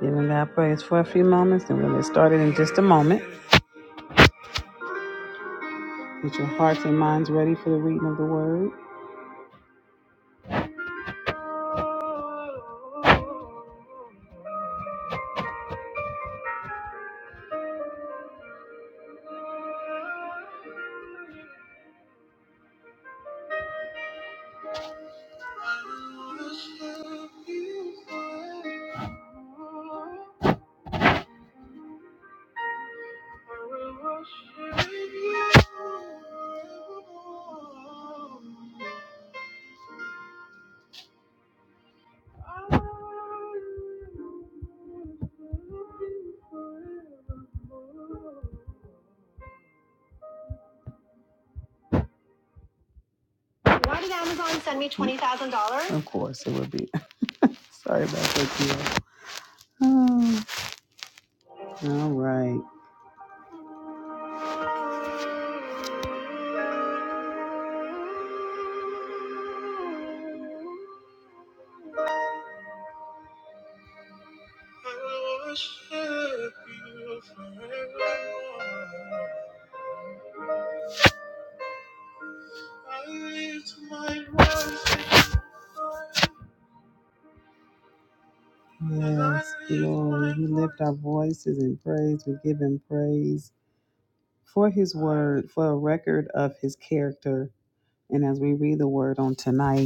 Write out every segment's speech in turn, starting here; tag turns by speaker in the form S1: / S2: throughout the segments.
S1: Giving God praise for a few moments, and we'll get started in just a moment. Get your hearts and minds ready for the reading of the word. Amazon send me twenty thousand dollars. Of course, it would be. Sorry about that, dear. Oh, all right. Yes, Lord, we lift our voices in praise. We give Him praise for His word, for a record of His character. And as we read the word on tonight.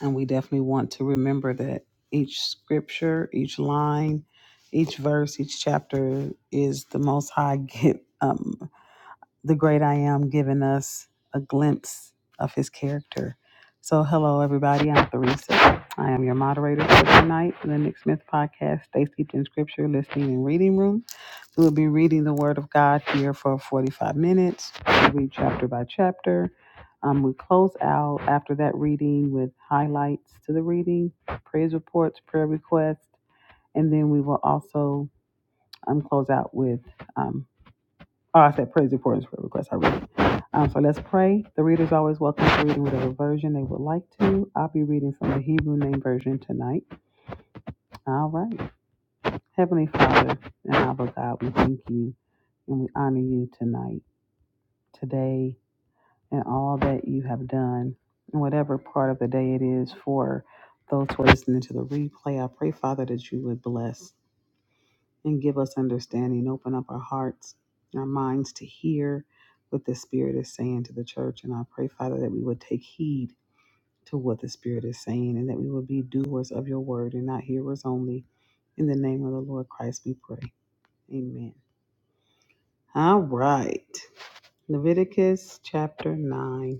S1: And we definitely want to remember that each scripture, each line, each verse, each chapter is the Most High gift the great I am giving us a glimpse of his character. So, hello, everybody. I'm Theresa. I am your moderator for tonight, the Nick Smith podcast, Stay Steeped in Scripture, Listening and Reading Room. We will be reading the Word of God here for 45 minutes. We read chapter by chapter. Um, we close out after that reading with highlights to the reading, praise reports, prayer requests, and then we will also um, close out with um, Oh, I said praise reports for requests. I read it. Um, so let's pray. The reader is always welcome to read whatever version they would like to. I'll be reading from the Hebrew Name Version tonight. All right. Heavenly Father and Abba God, we thank you and we honor you tonight, today, and all that you have done, and whatever part of the day it is for those who are listening to the replay. I pray, Father, that you would bless. and give us understanding. Open up our hearts, our minds to hear what the Spirit is saying to the church. And I pray, Father, that we would take heed to what the Spirit is saying and that we would be doers of your word and not hearers only. In the name of the Lord Christ, we pray. Amen. All right. Leviticus chapter 9.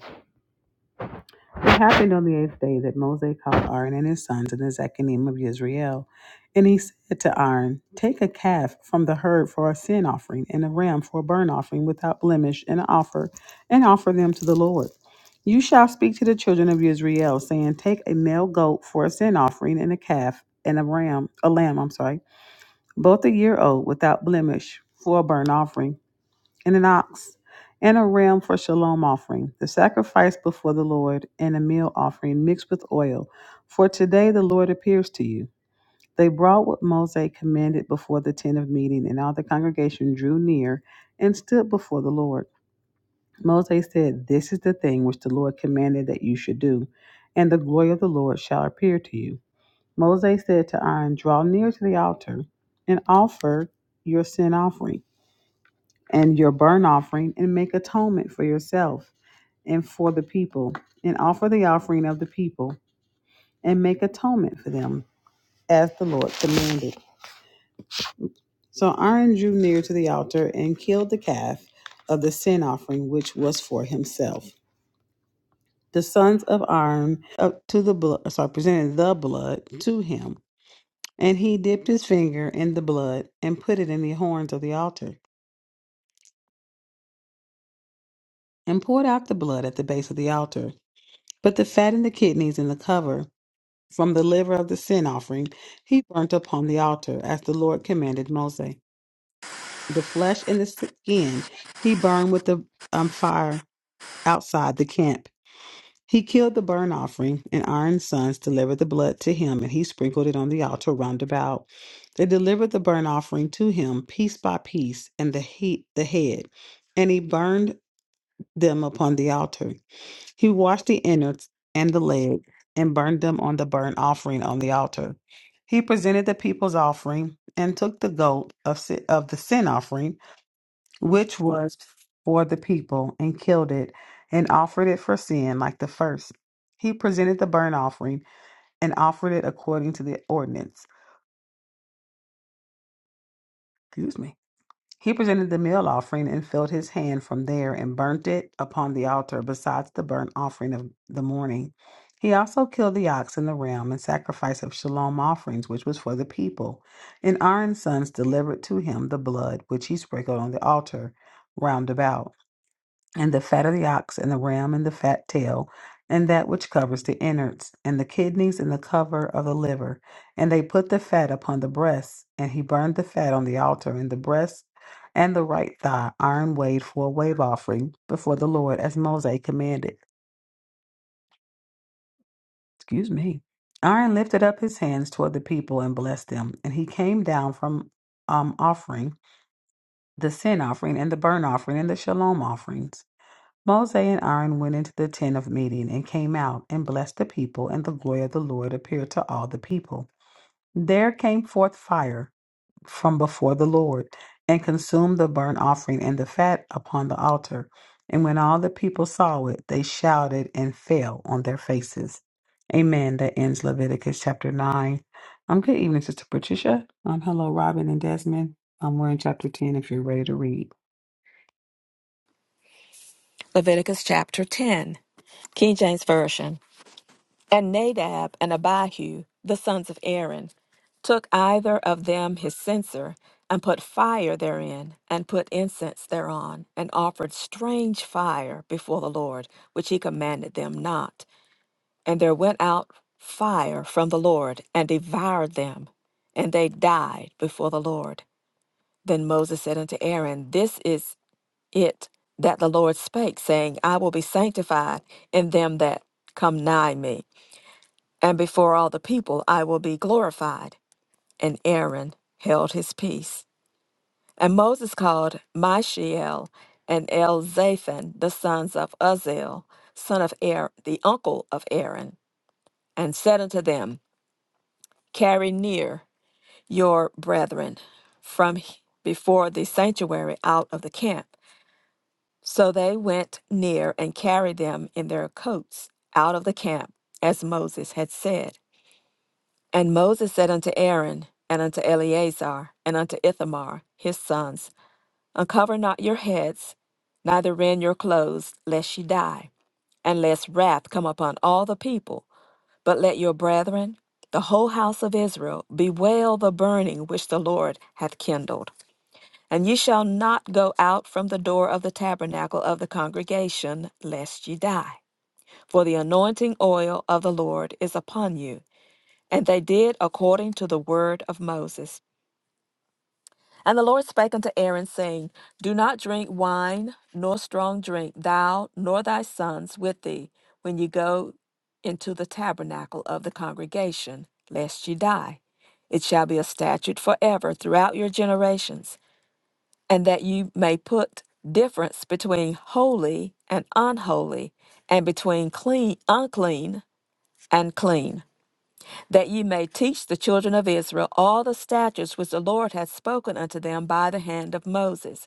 S1: It happened on the eighth day that Moses called Aaron and his sons and the Zechanim of Israel. And he said to Aaron, Take a calf from the herd for a sin offering and a ram for a burnt offering without blemish and offer, and offer them to the Lord. You shall speak to the children of Israel, saying, Take a male goat for a sin offering and a calf and a ram, a lamb, I'm sorry, both a year old without blemish for a burnt offering and an ox, and a ram for shalom offering, the sacrifice before the Lord, and a meal offering mixed with oil. For today the Lord appears to you. They brought what Moses commanded before the tent of meeting, and all the congregation drew near and stood before the Lord. Moses said, This is the thing which the Lord commanded that you should do, and the glory of the Lord shall appear to you. Moses said to Aaron, Draw near to the altar and offer your sin offering and your burnt offering and make atonement for yourself and for the people and offer the offering of the people and make atonement for them as the Lord commanded. So Aaron drew near to the altar and killed the calf of the sin offering which was for himself. The sons of Aaron up to the blood, sorry, presented the blood to him, and he dipped his finger in the blood and put it in the horns of the altar and poured out the blood at the base of the altar, but the fat and the kidneys and the cover from the liver of the sin offering he burnt upon the altar, as the Lord commanded Moses. The flesh and the skin he burned with the um, fire outside the camp. He killed the burnt offering, and Aaron's sons delivered the blood to him, and he sprinkled it on the altar round about. They delivered the burnt offering to him piece by piece, and the heat the head, and he burned them upon the altar. He washed the innards and the leg and burned them on the burnt offering on the altar. He presented the people's offering and took the goat of, si- of the sin offering, which was for the people, and killed it and offered it for sin like the first. He presented the burnt offering and offered it according to the ordinance. Excuse me. He presented the meal offering and filled his hand from there and burnt it upon the altar, besides the burnt offering of the morning. He also killed the ox and the ram and sacrifice of shalom offerings, which was for the people. And Aaron's sons delivered to him the blood, which he sprinkled on the altar round about and the fat of the ox, and the ram, and the fat tail, and that which covers the innards, and the kidneys, and the cover of the liver. And they put the fat upon the breasts, and he burned the fat on the altar, and the breast and the right thigh, iron weighed for a wave offering before the Lord, as Moses commanded. Excuse me. Aaron lifted up his hands toward the people and blessed them, and he came down from um, offering the sin offering and the burnt offering and the shalom offerings. Moses and Aaron went into the tent of meeting and came out and blessed the people, and the glory of the Lord appeared to all the people. There came forth fire from before the Lord and consumed the burnt offering and the fat upon the altar. And when all the people saw it, they shouted and fell on their faces. Amen. That ends Leviticus chapter 9. Um, good evening, Sister Patricia. Um, hello, Robin and Desmond. Um, we're in chapter 10 if you're ready to read.
S2: Leviticus chapter 10, King James Version. And Nadab and Abihu, the sons of Aaron, took either of them his censer, and put fire therein, and put incense thereon, and offered strange fire before the Lord, which he commanded them not. And there went out fire from the Lord, and devoured them, and they died before the Lord. Then Moses said unto Aaron, This is it that the Lord spake, saying, I will be sanctified in them that come nigh me, and before all the people I will be glorified. And Aaron held his peace. And Moses called Mishael and Elzaphan, the sons of Uzziel, son of Aaron, the uncle of Aaron, and said unto them, Carry near your brethren from he- before the sanctuary out of the camp. So they went near and carried them in their coats out of the camp, as Moses had said. And Moses said unto Aaron, and unto Eleazar, and unto Ithamar, his sons, Uncover not your heads, neither rend your clothes, lest ye die, and lest wrath come upon all the people. But let your brethren, the whole house of Israel, bewail the burning which the Lord hath kindled. And ye shall not go out from the door of the tabernacle of the congregation, lest ye die. For the anointing oil of the Lord is upon you. And they did according to the word of Moses. And the Lord spake unto Aaron, saying, Do not drink wine nor strong drink, thou nor thy sons with thee, when ye go into the tabernacle of the congregation, lest ye die. It shall be a statute forever throughout your generations and that you may put difference between holy and unholy, and between clean unclean and clean, that ye may teach the children of Israel all the statutes which the Lord hath spoken unto them by the hand of Moses.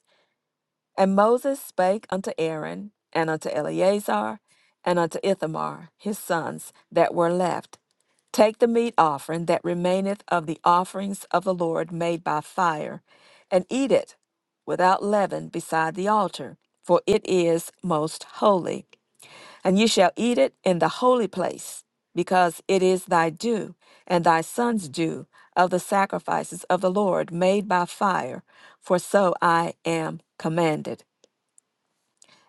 S2: And Moses spake unto Aaron, and unto Eleazar, and unto Ithamar, his sons, that were left Take the meat offering that remaineth of the offerings of the Lord made by fire, and eat it without leaven beside the altar, for it is most holy. And ye shall eat it in the holy place, because it is thy due, and thy son's due, of the sacrifices of the Lord made by fire, for so I am commanded.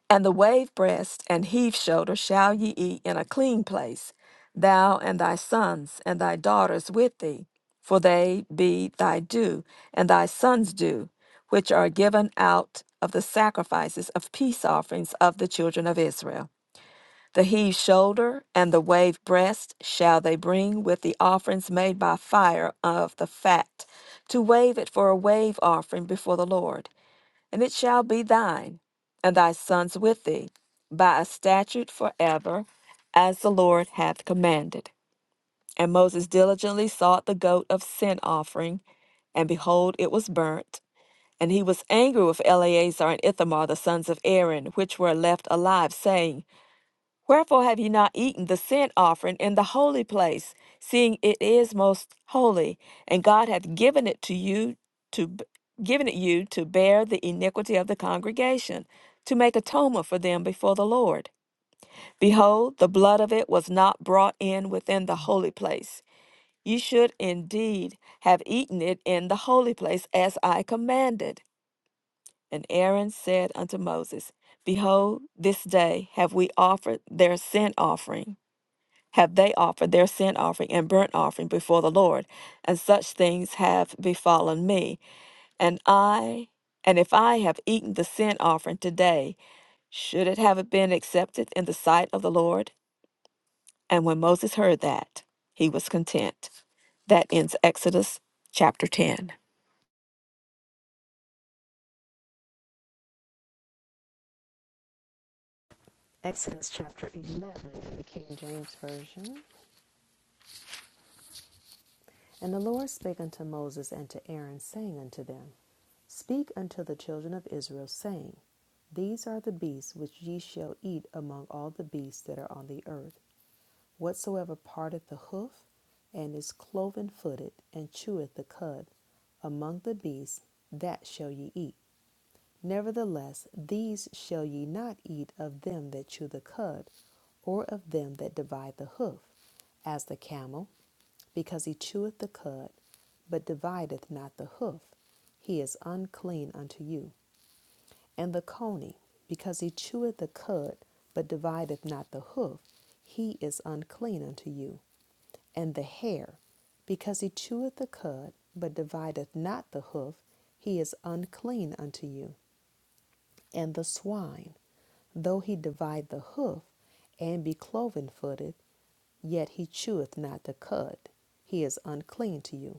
S2: And the wave breast and heave shoulder shall ye eat in a clean place, thou and thy sons and thy daughters with thee, for they be thy due and thy sons' due, which are given out of the sacrifices of peace offerings of the children of Israel. The heave shoulder and the wave breast shall they bring with the offerings made by fire of the fat, to wave it for a wave offering before the Lord and it shall be thine, and thy sons with thee, by a statute forever, as the Lord hath commanded. And Moses diligently sought the goat of sin offering, and behold, it was burnt. And he was angry with Eleazar and Ithamar, the sons of Aaron, which were left alive, saying, Wherefore have ye not eaten the sin offering in the holy place, seeing it is most holy, and God hath given it to you to b- given it you to bear the iniquity of the congregation, to make atonement for them before the Lord. Behold, the blood of it was not brought in within the holy place. Ye should indeed have eaten it in the holy place, as I commanded. And Aaron said unto Moses, Behold, this day have we offered their sin offering have they offered their sin offering and burnt offering before the Lord, and such things have befallen me. And I, and if I have eaten the sin offering today, should it have been accepted in the sight of the Lord? And when Moses heard that, he was content. That ends Exodus chapter 10.
S3: Exodus chapter 11, King James Version. And the Lord spake unto Moses and to Aaron, saying unto them, Speak unto the children of Israel, saying, These are the beasts which ye shall eat among all the beasts that are on the earth. Whatsoever parteth the hoof, and is cloven footed, and cheweth the cud, among the beasts, that shall ye eat. Nevertheless, these shall ye not eat of them that chew the cud, or of them that divide the hoof, as the camel because he cheweth the cud, but divideth not the hoof. He is unclean unto you. And the coney, because he cheweth the cud, but divideth not the hoof, he is unclean unto you. And the hare, because he cheweth the cud, but divideth not the hoof, he is unclean unto you. And the swine, though he divide the hoof, and be cloven footed, yet he cheweth not the cud, he is unclean to you.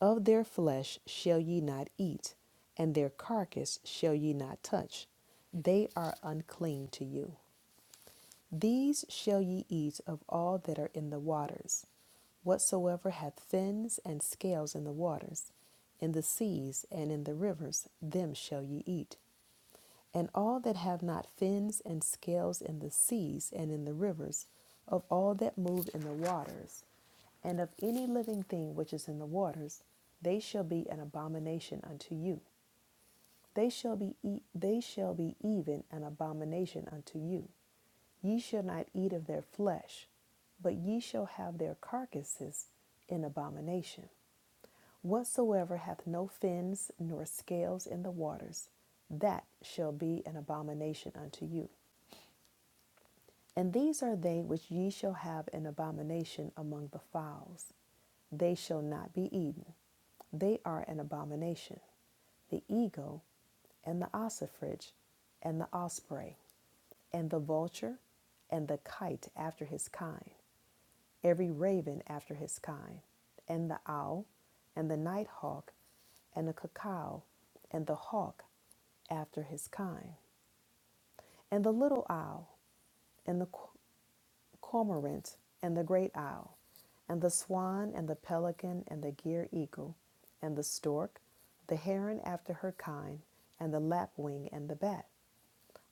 S3: Of their flesh shall ye not eat, and their carcass shall ye not touch. They are unclean to you. These shall ye eat of all that are in the waters, whatsoever hath fins and scales in the waters, in the seas and in the rivers, them shall ye eat. And all that have not fins and scales in the seas and in the rivers, of all that move in the waters, and of any living thing which is in the waters, they shall be an abomination unto you. They shall be e- they shall be even an abomination unto you. Ye shall not eat of their flesh, but ye shall have their carcasses in abomination. Whatsoever hath no fins nor scales in the waters, that shall be an abomination unto you. And these are they which ye shall have an abomination among the fowls. They shall not be eaten. They are an abomination the eagle, and the ossifrage, and the osprey, and the vulture, and the kite after his kind, every raven after his kind, and the owl, and the night hawk, and the cacao, and the hawk after his kind, and the little owl, and the cormorant, and the great owl, and the swan, and the pelican, and the gier eagle, and the stork, the heron after her kind, and the lapwing, and the bat.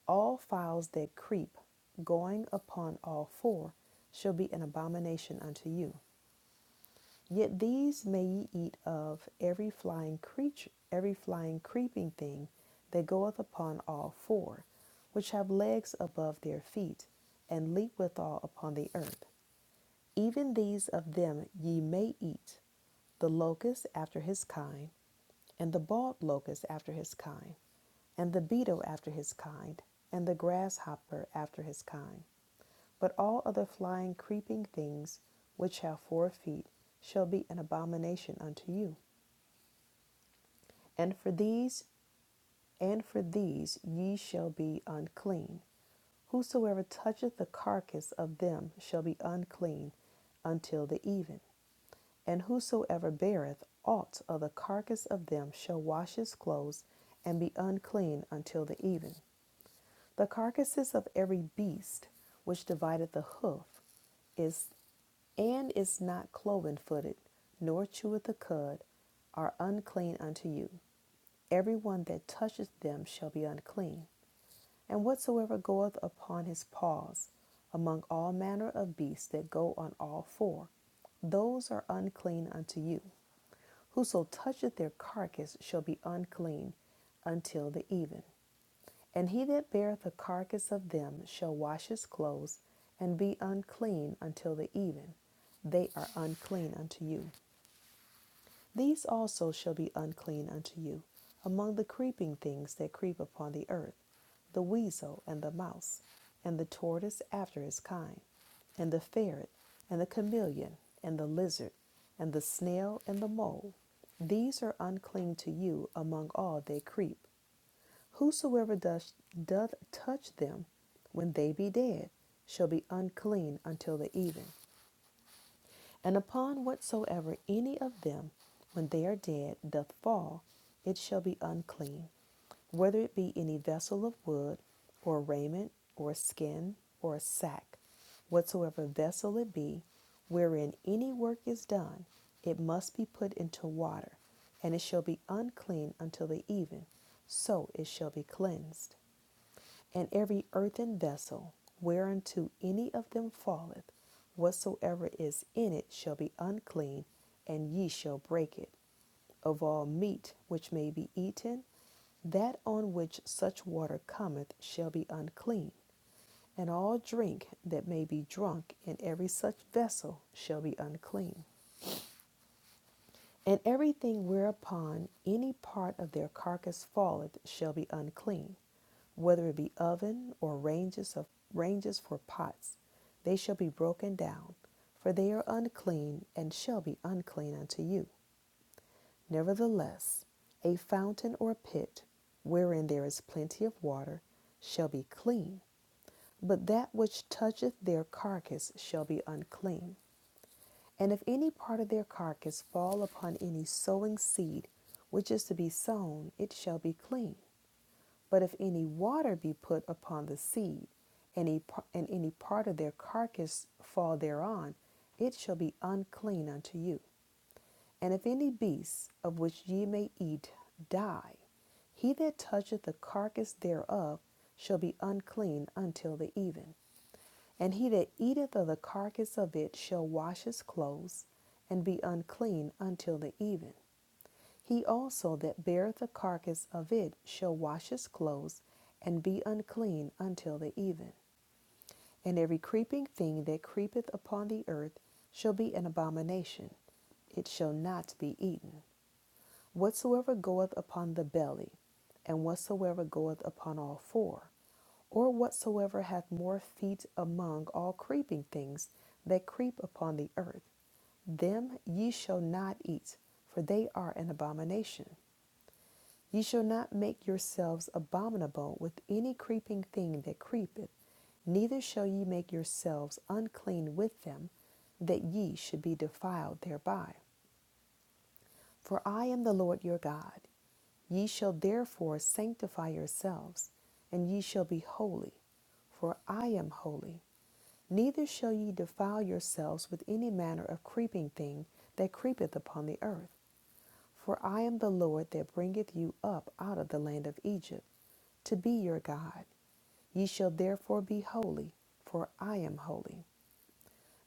S3: All fowls that creep, going upon all four, shall be an abomination unto you. Yet these may ye eat of every flying creature, every flying creeping thing that goeth upon all four, which have legs above their feet, and leap withal upon the earth. Even these of them ye may eat the locust after his kind, and the bald locust after his kind, and the beetle after his kind, and the grasshopper after his kind. But all other flying, creeping things which have four feet shall be an abomination unto you. And for these, and for these ye shall be unclean. Whosoever toucheth the carcass of them shall be unclean until the even. And whosoever beareth aught of the carcass of them shall wash his clothes and be unclean until the even. The carcasses of every beast which divideth the hoof is and is not cloven footed, nor cheweth the cud, are unclean unto you. Every one that toucheth them shall be unclean. And whatsoever goeth upon his paws, among all manner of beasts that go on all four, those are unclean unto you. Whoso toucheth their carcass shall be unclean until the even. And he that beareth the carcass of them shall wash his clothes and be unclean until the even. They are unclean unto you. These also shall be unclean unto you, among the creeping things that creep upon the earth, the weasel and the mouse, and the tortoise after his kind, and the ferret, and the chameleon, and the lizard, and the snail, and the mole. These are unclean to you among all that creep. Whosoever doth, doth touch them when they be dead shall be unclean until the even. And upon whatsoever any of them, when they are dead, doth fall, it shall be unclean, whether it be any vessel of wood, or raiment, or skin, or a sack, whatsoever vessel it be, wherein any work is done, it must be put into water, and it shall be unclean until the even, so it shall be cleansed. And every earthen vessel whereunto any of them falleth, whatsoever is in it shall be unclean, and ye shall break it. Of all meat which may be eaten, that on which such water cometh shall be unclean, and all drink that may be drunk in every such vessel shall be unclean. And everything whereupon any part of their carcass falleth shall be unclean, whether it be oven or ranges of ranges for pots, they shall be broken down, for they are unclean and shall be unclean unto you. Nevertheless, a fountain or a pit, wherein there is plenty of water, shall be clean, but that which toucheth their carcass shall be unclean. And if any part of their carcass fall upon any sowing seed which is to be sown, it shall be clean. But if any water be put upon the seed, any and any part of their carcass fall thereon, it shall be unclean unto you. And if any beast of which ye may eat die, he that toucheth the carcass thereof shall be unclean until the even. And he that eateth of the carcass of it shall wash his clothes, and be unclean until the even. He also that beareth the carcass of it shall wash his clothes, and be unclean until the even. And every creeping thing that creepeth upon the earth shall be an abomination, it shall not be eaten. Whatsoever goeth upon the belly, and whatsoever goeth upon all four, or whatsoever hath more feet among all creeping things that creep upon the earth, them ye shall not eat, for they are an abomination. Ye shall not make yourselves abominable with any creeping thing that creepeth, neither shall ye make yourselves unclean with them, that ye should be defiled thereby. For I am the Lord your God. Ye shall therefore sanctify yourselves, and ye shall be holy, for I am holy. Neither shall ye defile yourselves with any manner of creeping thing that creepeth upon the earth. For I am the Lord that bringeth you up out of the land of Egypt, to be your God. Ye shall therefore be holy, for I am holy.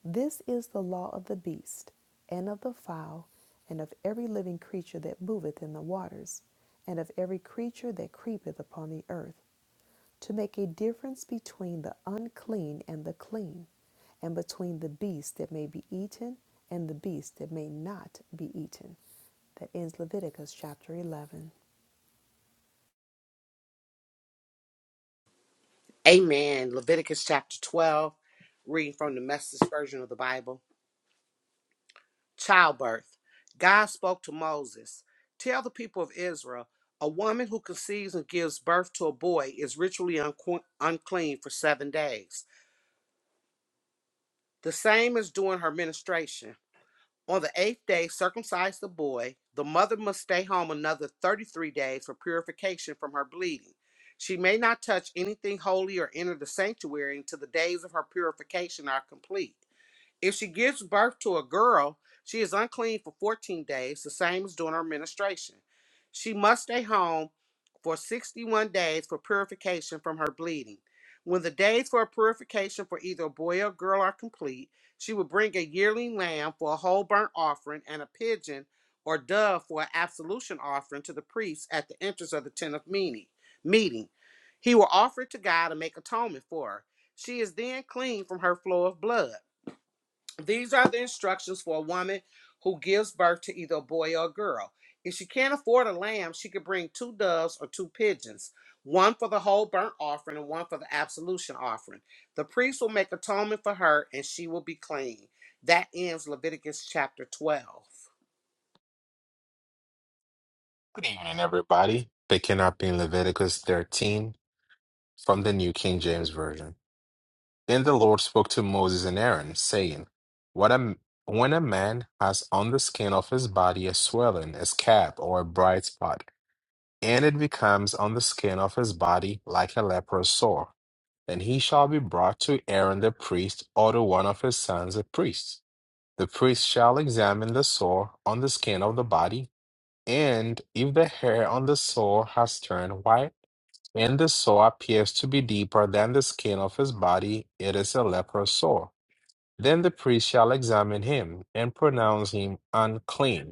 S3: This is the law of the beast, and of the fowl, and of every living creature that moveth in the waters, and of every creature that creepeth upon the earth, to make a difference between the unclean and the clean, and between the beast that may be eaten and the beast that may not be eaten. That ends Leviticus chapter 11.
S4: Amen. Leviticus chapter 12, reading from the message version of the Bible. Childbirth. God spoke to Moses Tell the people of Israel, a woman who conceives and gives birth to a boy is ritually unque- unclean for seven days. The same as during her menstruation. On the eighth day, circumcise the boy. The mother must stay home another 33 days for purification from her bleeding. She may not touch anything holy or enter the sanctuary until the days of her purification are complete. If she gives birth to a girl, she is unclean for 14 days, the same as during her menstruation. She must stay home for 61 days for purification from her bleeding. When the days for purification for either a boy or girl are complete, she will bring a yearling lamb for a whole burnt offering and a pigeon or dove for an absolution offering to the priest at the entrance of the tent of meeting. meeting. He will offer it to God and make atonement for her. She is then clean from her flow of blood. These are the instructions for a woman who gives birth to either a boy or a girl. If she can't afford a lamb, she could bring two doves or two pigeons, one for the whole burnt offering and one for the absolution offering. The priest will make atonement for her and she will be clean. That ends Leviticus chapter 12.
S5: Good evening, everybody. Picking up in Leviticus 13 from the New King James Version. Then the Lord spoke to Moses and Aaron, saying, what a, When a man has on the skin of his body a swelling, a scab, or a bright spot, and it becomes on the skin of his body like a leprous sore, then he shall be brought to Aaron the priest or to one of his sons the priest. The priest shall examine the sore on the skin of the body and if the hair on the sore has turned white and the sore appears to be deeper than the skin of his body, it is a leprous sore. Then the priest shall examine him and pronounce him unclean.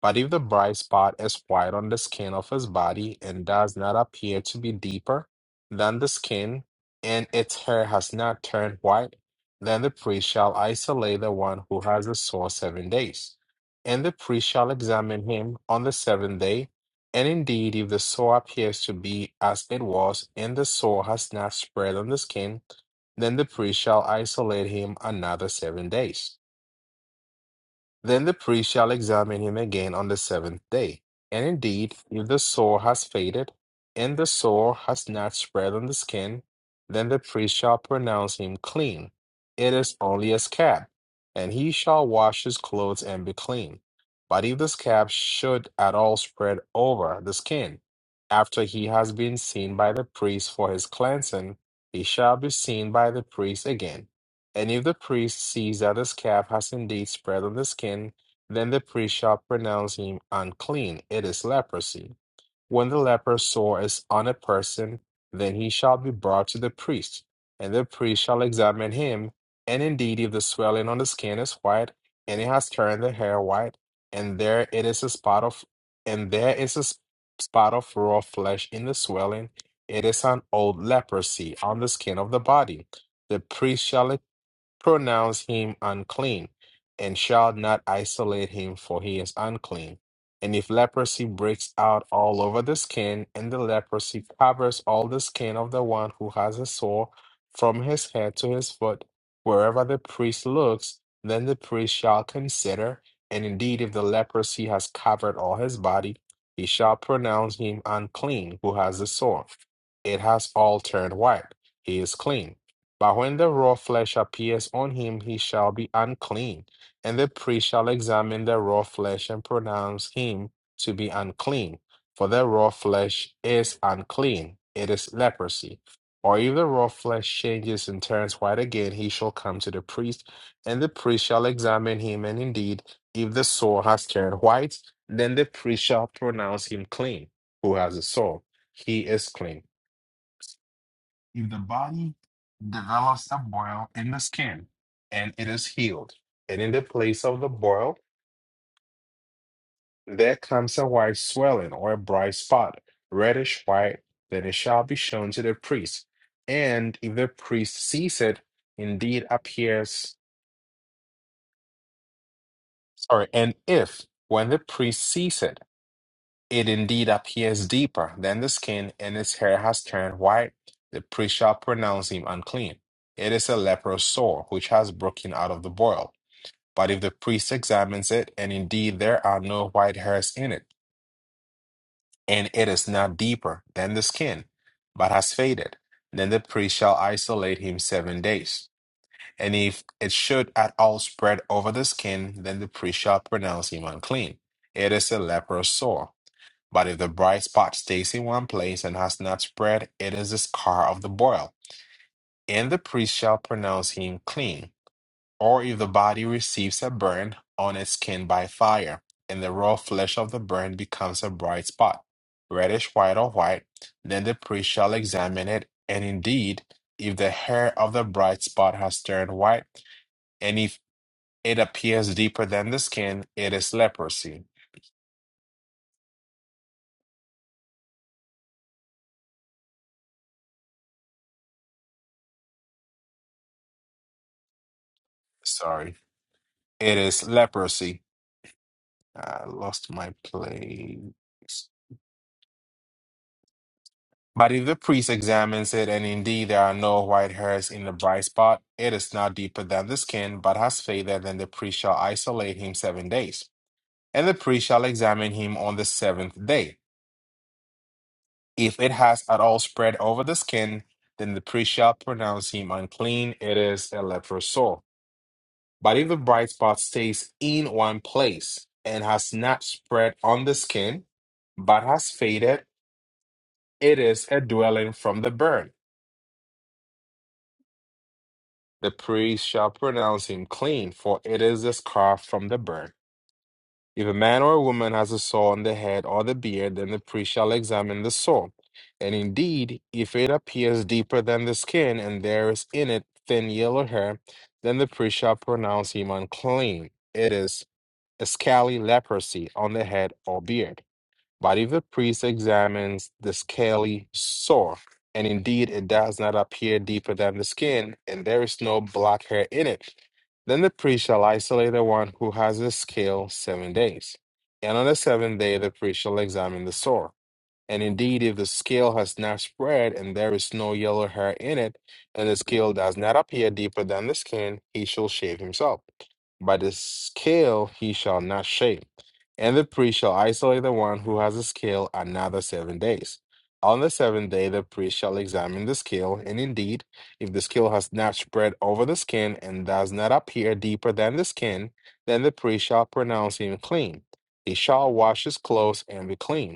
S5: But if the bright spot is white on the skin of his body and does not appear to be deeper than the skin, and its hair has not turned white, then the priest shall isolate the one who has the sore seven days. And the priest shall examine him on the seventh day. And indeed, if the sore appears to be as it was, and the sore has not spread on the skin, then the priest shall isolate him another seven days. Then the priest shall examine him again on the seventh day. And indeed, if the sore has faded, and the sore has not spread on the skin, then the priest shall pronounce him clean. It is only a scab, and he shall wash his clothes and be clean. But if the scab should at all spread over the skin, after he has been seen by the priest for his cleansing, he shall be seen by the priest again any of the priests sees that his calf has indeed spread on the skin, then the priest shall pronounce him unclean. It is leprosy. When the leper sore is on a person, then he shall be brought to the priest, and the priest shall examine him. And indeed, if the swelling on the skin is white, and it has turned the hair white, and there it is a spot of, and there is a s- spot of raw flesh in the swelling, it is an old leprosy on the skin of the body. The priest shall pronounce him unclean, and shall not isolate him, for he is unclean. And if leprosy breaks out all over the skin, and the leprosy covers all the skin of the one who has a sore from his head to his foot, wherever the priest looks, then the priest shall consider, and indeed, if the leprosy has covered all his body, he shall pronounce him unclean who has the sore. It has all turned white. He is clean. But when the raw flesh appears on him, he shall be unclean. And the priest shall examine the raw flesh and pronounce him to be unclean. For the raw flesh is unclean, it is leprosy. Or if the raw flesh changes and turns white again, he shall come to the priest, and the priest shall examine him. And indeed, if the sore has turned white, then the priest shall pronounce him clean, who has a sore. He is clean if the body develops a boil in the skin and it is healed, and in the place of the boil, there comes a white swelling or a bright spot, reddish white, then it shall be shown to the priest. And if the priest sees it, indeed appears, sorry, and if when the priest sees it, it indeed appears deeper than the skin and his hair has turned white, the priest shall pronounce him unclean. It is a leprous sore which has broken out of the boil But if the priest examines it, and indeed there are no white hairs in it, and it is not deeper than the skin, but has faded, then the priest shall isolate him seven days. And if it should at all spread over the skin, then the priest shall pronounce him unclean. It is a leprous sore. But if the bright spot stays in one place and has not spread, it is the scar of the boil, and the priest shall pronounce him clean. or if the body receives a burn on its skin by fire, and the raw flesh of the burn becomes a bright spot, reddish white or white, then the priest shall examine it, and indeed, if the hair of the bright spot has turned white, and if it appears deeper than the skin, it is leprosy. Sorry, it is leprosy. I lost my place. But if the priest examines it, and indeed there are no white hairs in the bright spot, it is not deeper than the skin, but has faded, then the priest shall isolate him seven days. And the priest shall examine him on the seventh day. If it has at all spread over the skin, then the priest shall pronounce him unclean. It is a leprous sore. But if the bright spot stays in one place and has not spread on the skin, but has faded, it is a dwelling from the burn The priest shall pronounce him clean, for it is the scarf from the burn. If a man or a woman has a sore on the head or the beard, then the priest shall examine the sore. And indeed, if it appears deeper than the skin, and there is in it thin yellow hair, then the priest shall pronounce him unclean. It is a scaly leprosy on the head or beard. Body of the priest examines the scaly sore, and indeed it does not appear deeper than the skin, and there is no black hair in it. Then the priest shall isolate the one who has the scale seven days. And on the seventh day the priest shall examine the sore. And indeed, if the scale has not spread and there is no yellow hair in it, and the scale does not appear deeper than the skin, he shall shave himself. By the scale he shall not shave. And the priest shall isolate the one who has a scale another seven days. On the seventh day, the priest shall examine the scale, and indeed, if the scale has not spread over the skin and does not appear deeper than the skin, then the priest shall pronounce him clean. He shall wash his clothes and be clean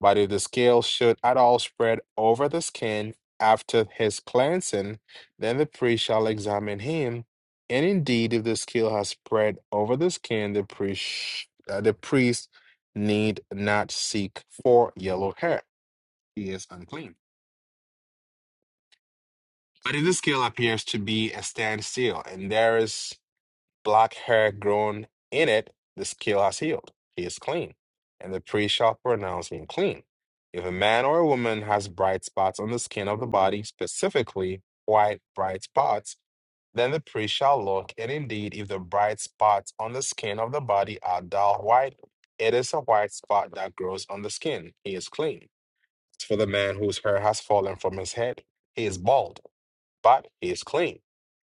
S5: but if the scale should at all spread over the skin after his cleansing, then the priest shall examine him. And indeed, if the scale has spread over the skin, the priest uh, the priest need not seek for yellow hair; he is unclean. But if the scale appears to be a standstill, and there is black hair grown in it, the scale has healed. He is clean. And the priest shall pronounce him clean. If a man or a woman has bright spots on the skin of the body, specifically white bright spots, then the priest shall look, and indeed, if the bright spots on the skin of the body are dull white, it is a white spot that grows on the skin. He is clean. As for the man whose hair has fallen from his head, he is bald, but he is clean.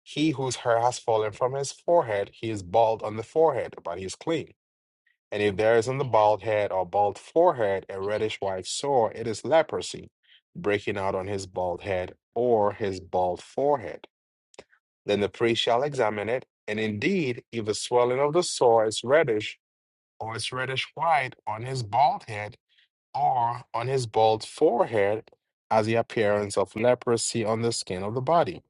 S5: He whose hair has fallen from his forehead, he is bald on the forehead, but he is clean. And if there is on the bald head or bald forehead a reddish white sore, it is leprosy, breaking out on his bald head or his bald forehead. Then the priest shall examine it, and indeed, if the swelling of the sore is reddish, or is reddish white on his bald head or on his bald forehead, as the appearance of leprosy on the skin of the body,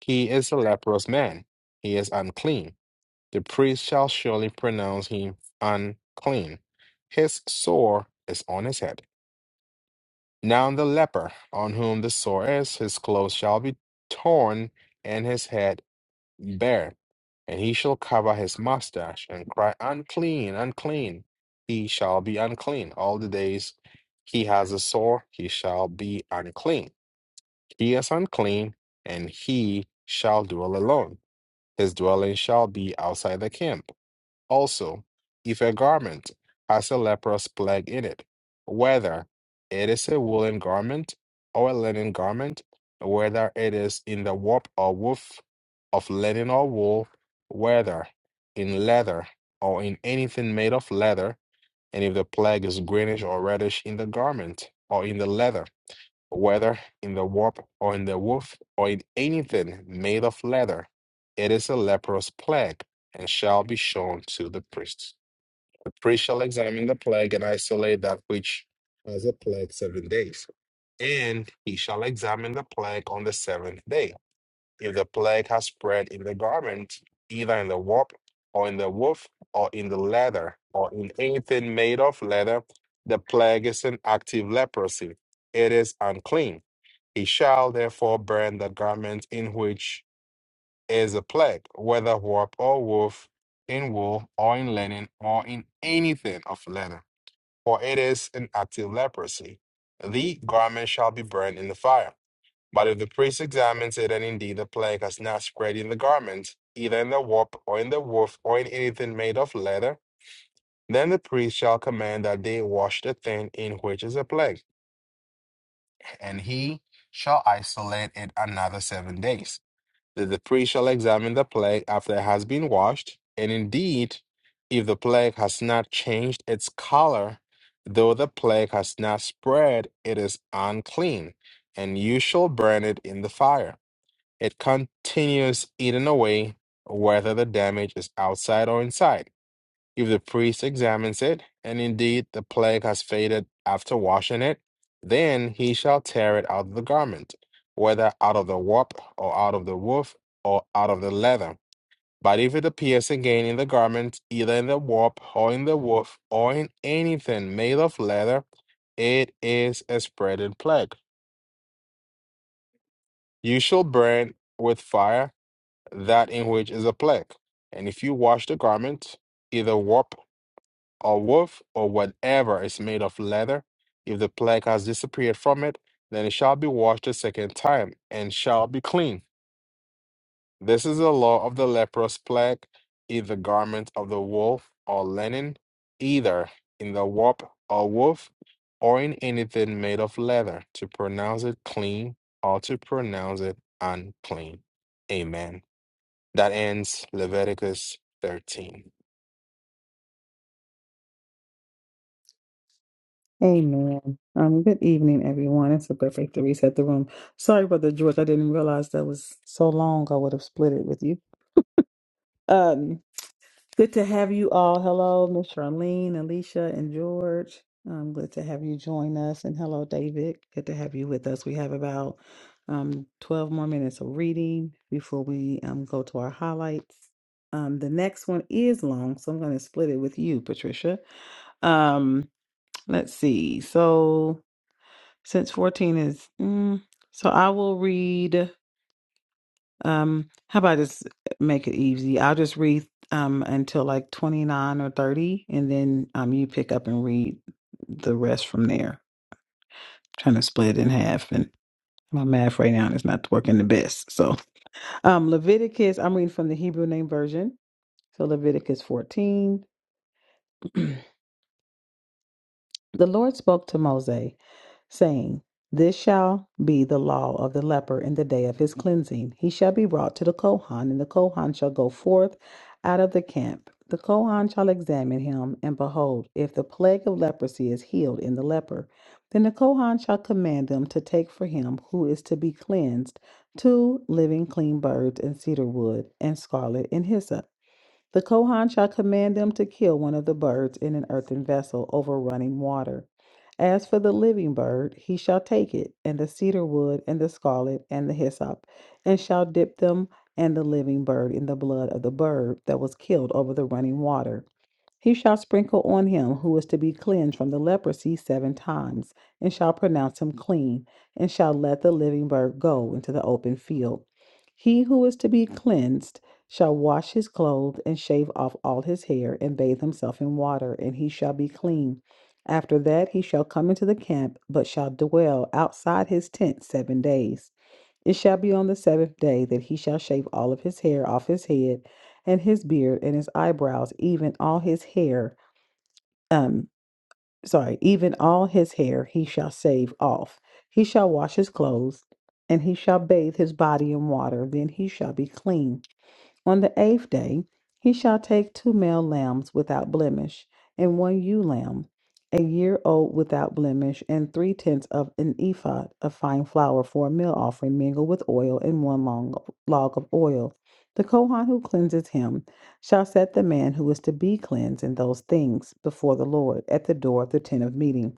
S5: he is a leprous man, he is unclean the priest shall surely pronounce him unclean. His sore is on his head. Now the leper on whom the sore is, his clothes shall be torn and his head bare, and he shall cover his mustache and cry, Unclean, unclean. He shall be unclean. All the days he has a sore, he shall be unclean. He is unclean, and he shall dwell alone. His dwelling shall be outside the camp also, if a garment has a leprous plague in it, whether it is a woolen garment or a linen garment, whether it is in the warp or woof of linen or wool, whether in leather or in anything made of leather, and if the plague is greenish or reddish in the garment or in the leather, whether in the warp or in the woof or in anything made of leather. It is a leprous plague and shall be shown to the priest. The priest shall examine the plague and isolate that which has a plague seven days. And he shall examine the plague on the seventh day. If the plague has spread in the garment, either in the warp or in the woof or in the leather or in anything made of leather, the plague is an active leprosy. It is unclean he shall therefore burn the garment in which is a plague, whether warp or woof, in wool or in linen or in anything of leather, for it is an active leprosy. The garment shall be burned in the fire. But if the priest examines it and indeed the plague has not spread in the garment, either in the warp or in the woof or in anything made of leather, then the priest shall command that they wash the thing in which is a plague, and he shall isolate it another seven days. that the priest shall examine the plague after it has been washed, and indeed, if the plague has not changed its color, though the plague has not spread, it is unclean, and you shall burn it in the fire. It continues eaten away, whether the damage is outside or inside if the priest examines it, and indeed the plague has faded after washing it, then he shall tear it out of the garment, whether out of the warp, or out of the woof, or out of the leather. But if it appears again in the garment, either in the warp, or in the woof, or in anything made of leather, it is a spreading plague. You shall burn with fire that in which is a plague. And if you wash the garment, either warp or woof or whatever is made of leather, if the plague has disappeared from it, then it shall be washed a second time and shall be clean. This is the law of the leprous plague, either garment of the wolf or linen, either in the warp or woof, or in anything made of leather, to pronounce it clean or to pronounce it unclean. Amen. That ends Leviticus 13.
S1: Amen. Um, good evening, everyone. It's a perfect to reset the room. Sorry, Brother George, I didn't realize that was so long. I would have split it with you. Um, good to have you all. Hello, Miss Charlene, Alicia, and George. Um, good to have you join us. And hello, David. Good to have you with us. We have about um 12 more minutes of reading before we um go to our highlights. Um, the next one is long, so I'm gonna split it with you, Patricia. Um, let's see. So since 14 is mm, so I will read um how about I just make it easy? I'll just read um until like 29 or 30 and then um you pick up and read the rest from there. trying to split it in half and my math right now is not working the best. So um Leviticus, I'm reading from the Hebrew name version. So Leviticus 14. The Lord spoke to Moses, saying, This shall be the law of the leper in the day of his cleansing. He shall be brought to the Kohan, and the Kohan shall go forth out of the camp. The Kohan shall examine him, and behold, if the plague of leprosy is healed in the leper, then the Kohan shall command them to take for him who is to be cleansed two living clean birds and cedar wood and scarlet and hyssop. The Kohan shall command them to kill one of the birds in an earthen vessel over running water. As for the living bird, he shall take it, and the cedar wood, and the scarlet, and the hyssop, and shall dip them and the living bird in the blood of the bird that was killed over the running water. He shall sprinkle on him who is to be cleansed from the leprosy seven times, and shall pronounce him clean, and shall let the living bird go into the open field. He who is to be cleansed shall wash his clothes, and shave off all his hair, and bathe himself in water, and he shall be clean. After that he shall come into the camp, but shall dwell outside his tent seven days. It shall be on the Sabbath day that he shall shave all of his hair off his head and his beard and his eyebrows, even all his hair. Um, sorry, even all his hair he shall shave off. He shall wash his clothes and he shall bathe his body in water. Then he shall be clean. On the eighth day he shall take two male lambs without blemish, and one ewe lamb, a year old without blemish, and three tenths of an ephah of fine flour for a meal offering, mingled with oil, and one long log of oil. The Kohan who cleanses him shall set the man who is to be cleansed in those things before the Lord at the door of the tent of meeting.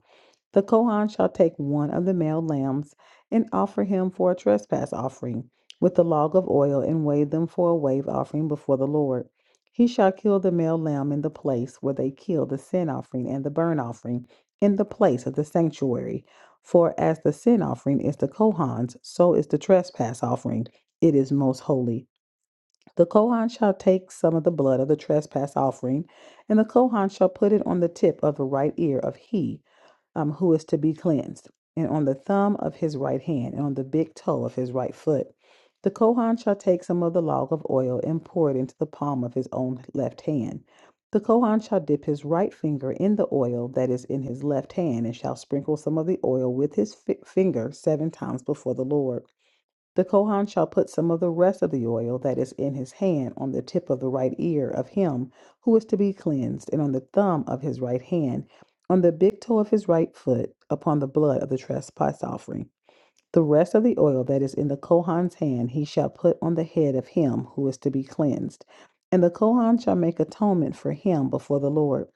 S1: The Kohan shall take one of the male lambs and offer him for a trespass offering with the log of oil and wave them for a wave offering before the Lord. He shall kill the male lamb in the place where they kill the sin offering and the burnt offering in the place of the sanctuary. For as the sin offering is the Kohan's, so is the trespass offering. It is most holy. The Kohan shall take some of the blood of the trespass offering, and the Kohan shall put it on the tip of the right ear of he um, who is to be cleansed, and on the thumb of his right hand, and on the big toe of his right foot. The Kohan shall take some of the log of oil and pour it into the palm of his own left hand. The Kohan shall dip his right finger in the oil that is in his left hand, and shall sprinkle some of the oil with his fi- finger seven times before the Lord. The Kohan shall put some of the rest of the oil that is in his hand on the tip of the right ear of him who is to be cleansed, and on the thumb of his right hand, on the big toe of his right foot, upon the blood of the trespass offering. The rest of the oil that is in the Kohan's hand he shall put on the head of him who is to be cleansed. And the Kohan shall make atonement for him before the Lord.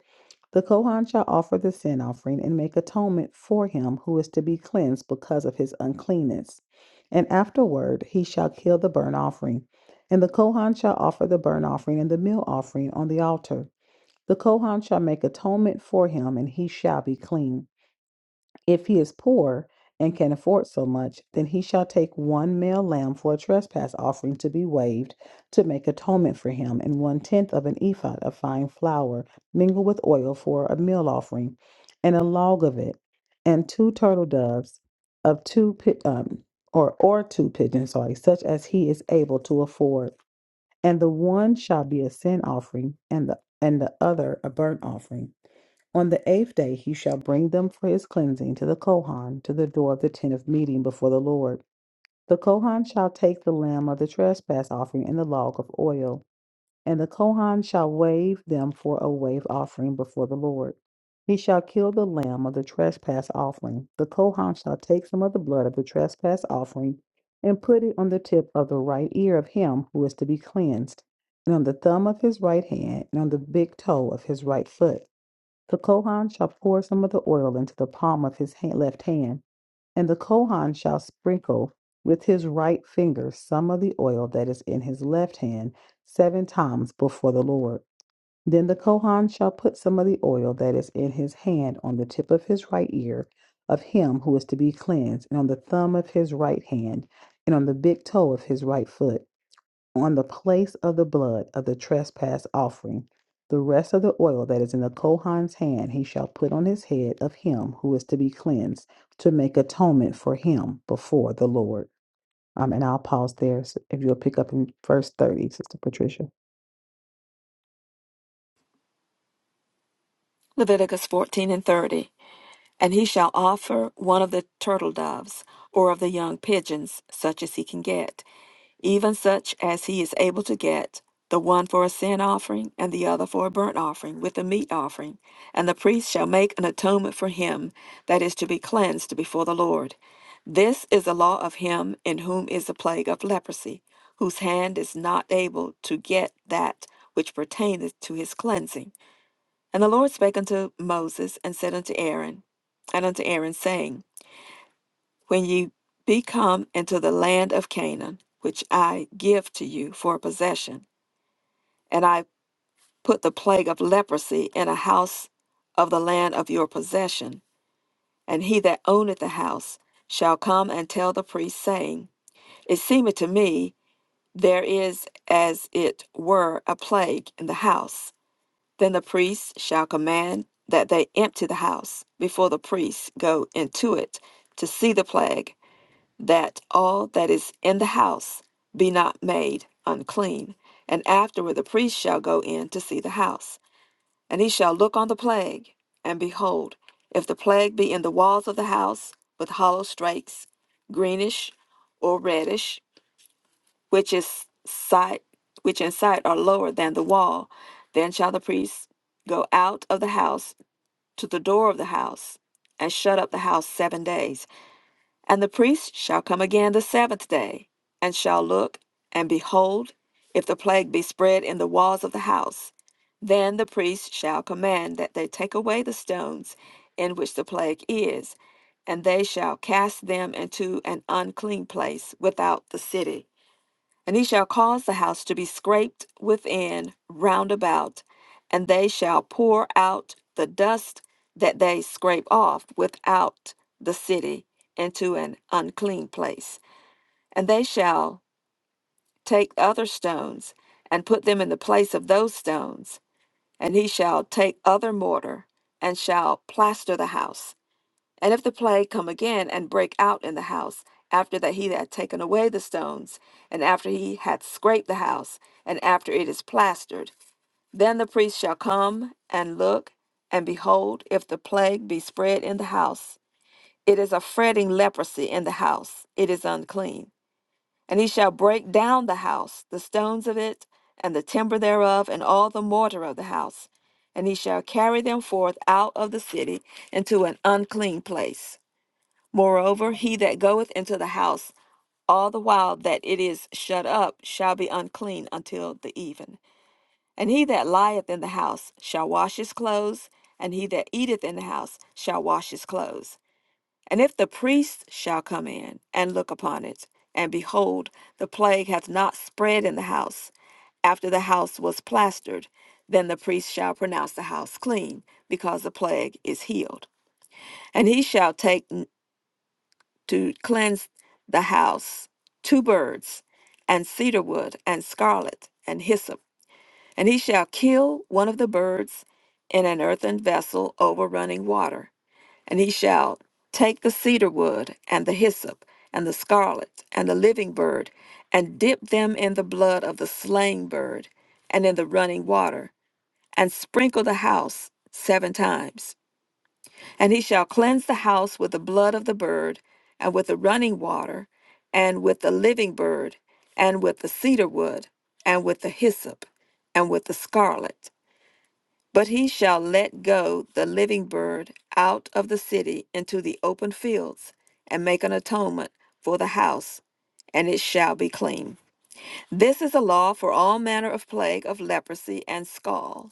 S1: The Kohan shall offer the sin offering and make atonement for him who is to be cleansed because of his uncleanness. And afterward he shall kill the burnt offering. And the Kohan shall offer the burnt offering and the meal offering on the altar. The Kohan shall make atonement for him, and he shall be clean. If he is poor and can afford so much, then he shall take one male lamb for a trespass offering to be waived to make atonement for him, and one tenth of an ephod of fine flour mingled with oil for a meal offering, and a log of it, and two turtle doves of two pi- um, or or two pigeons, sorry, such as he is able to afford, and the one shall be a sin offering, and the and the other a burnt offering. On the eighth day he shall bring them for his cleansing to the Kohan, to the door of the tent of meeting before the Lord. The Kohan shall take the lamb of the trespass offering and the log of oil, and the Kohan shall wave them for a wave offering before the Lord. He shall kill the lamb of the trespass offering. The Kohan shall take some of the blood of the trespass offering and put it on the tip of the right ear of him who is to be cleansed, and on the thumb of his right hand, and on the big toe of his right foot. The Kohan shall pour some of the oil into the palm of his ha- left hand, and the Kohan shall sprinkle with his right finger some of the oil that is in his left hand seven times before the Lord. Then the Kohan shall put some of the oil that is in his hand on the tip of his right ear of him who is to be cleansed, and on the thumb of his right hand, and on the big toe of his right foot on the place of the blood of the trespass offering. The rest of the oil that is in the Kohan's hand he shall put on his head of him who is to be cleansed to make atonement for him before the Lord. Um, and I'll pause there so if you'll pick up in verse 30, Sister Patricia.
S2: Leviticus 14 and 30. And he shall offer one of the turtle doves, or of the young pigeons, such as he can get, even such as he is able to get, the one for a sin offering, and the other for a burnt offering, with a meat offering. And the priest shall make an atonement for him that is to be cleansed before the Lord. This is the law of him in whom is the plague of leprosy, whose hand is not able to get that which pertaineth to his cleansing and the Lord spake unto Moses and said unto Aaron, and unto Aaron, saying, When ye be come into the land of Canaan, which I give to you for a possession, and I put the plague of leprosy in a house of the land of your possession, and he that owneth the house shall come and tell the priest, saying, It seemeth to me there is as it were a plague in the house. Then the priest shall command that they empty the house before the priests go into it to see the plague, that all that is in the house be not made unclean. And afterward the priest shall go in to see the house, and he shall look on the plague, and behold, if the plague be in the walls of the house with hollow strakes, greenish or reddish, which is side which in sight are lower than the wall. Then shall the priest go out of the house to the door of the house, and shut up the house seven days. And the priest shall come again the seventh day, and shall look, and behold, if the plague be spread in the walls of the house, then the priest shall command that they take away the stones in which the plague is, and they shall cast them into an unclean place without the city and he shall cause the house to be scraped within round about, and they shall pour out the dust that they scrape off without the city into an unclean place. And they shall take other stones and put them in the place of those stones. And he shall take other mortar and shall plaster the house and if the plague come again and break out in the house, after that he had taken away the stones, and after he had scraped the house, and after it is plastered, then the priest shall come and look, and behold, if the plague be spread in the house, it is a fretting leprosy in the house, it is unclean. And he shall break down the house, the stones of it, and the timber thereof, and all the mortar of the house, and he shall carry them forth out of the city into an unclean place Moreover, he that goeth into the house all the while that it is shut up shall be unclean until the even. And he that lieth in the house shall wash his clothes, and he that eateth in the house shall wash his clothes. And if the priest shall come in and look upon it, and behold, the plague hath not spread in the house, after the house was plastered, then the priest shall pronounce the house clean, because the plague is healed. And he shall take to cleanse the house, two birds, and cedar wood, and scarlet, and hyssop. And he shall kill one of the birds in an earthen vessel over running water. And he shall take the cedar wood, and the hyssop, and the scarlet, and the living bird, and dip them in the blood of the slain bird, and in the running water, and sprinkle the house seven times. And he shall cleanse the house with the blood of the bird, and with the running water, and with the living bird, and with the cedar wood, and with the hyssop, and with the scarlet. But he shall let go the living bird out of the city into the open fields, and make an atonement for the house, and it shall be clean. This is a law for all manner of plague of leprosy and scald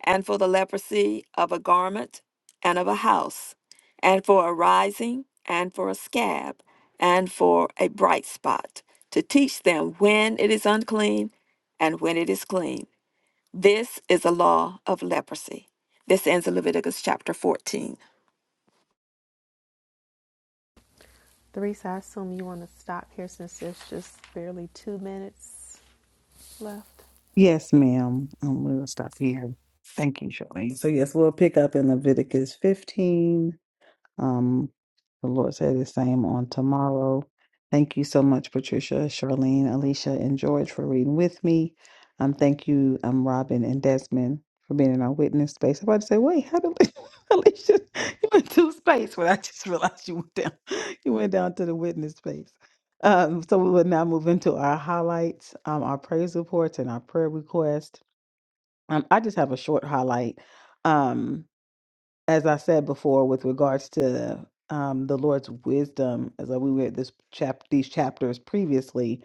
S2: and for the leprosy of a garment and of a house, and for a rising, and for a scab, and for a bright spot, to teach them when it is unclean and when it is clean. This is the law of leprosy. This ends in Leviticus chapter 14.
S3: Theresa, I assume you want to stop here since there's just barely two minutes left.
S1: Yes, ma'am. Um, we'll stop here. Thank you, Charlene. So, yes, we'll pick up in Leviticus 15. Um, the Lord said the same on tomorrow. Thank you so much, Patricia, Charlene, Alicia, and George for reading with me. Um, thank you, um, Robin and Desmond for being in our witness space. I'm about to say, wait, how did Alicia you went to space? Well, I just realized you went down. You went down to the witness space. Um, so we will now move into our highlights, um, our praise reports, and our prayer request. Um, I just have a short highlight. Um, as I said before, with regards to um, the Lord's wisdom, as we read this chap these chapters previously,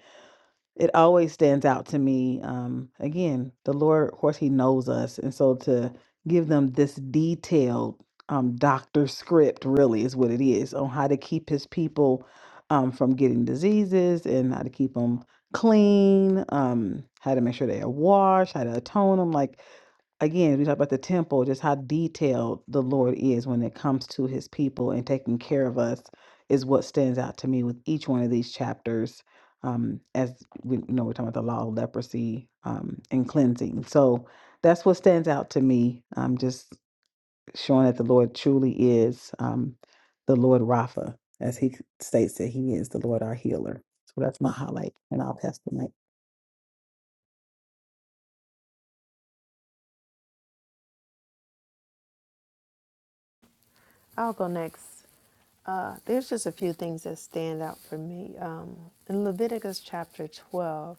S1: it always stands out to me. Um, again, the Lord, of course, He knows us, and so to give them this detailed um, doctor script really is what it is on how to keep His people um, from getting diseases and how to keep them clean, um, how to make sure they are washed, how to atone them, like again, we talk about the temple, just how detailed the Lord is when it comes to his people and taking care of us is what stands out to me with each one of these chapters. Um, as we you know, we're talking about the law of leprosy um, and cleansing. So that's what stands out to me. Um, just showing that the Lord truly is um, the Lord Rapha, as he states that he is the Lord our healer. So that's my highlight, and I'll pass the mic.
S3: I'll go next. Uh, there's just a few things that stand out for me. Um, in Leviticus chapter 12,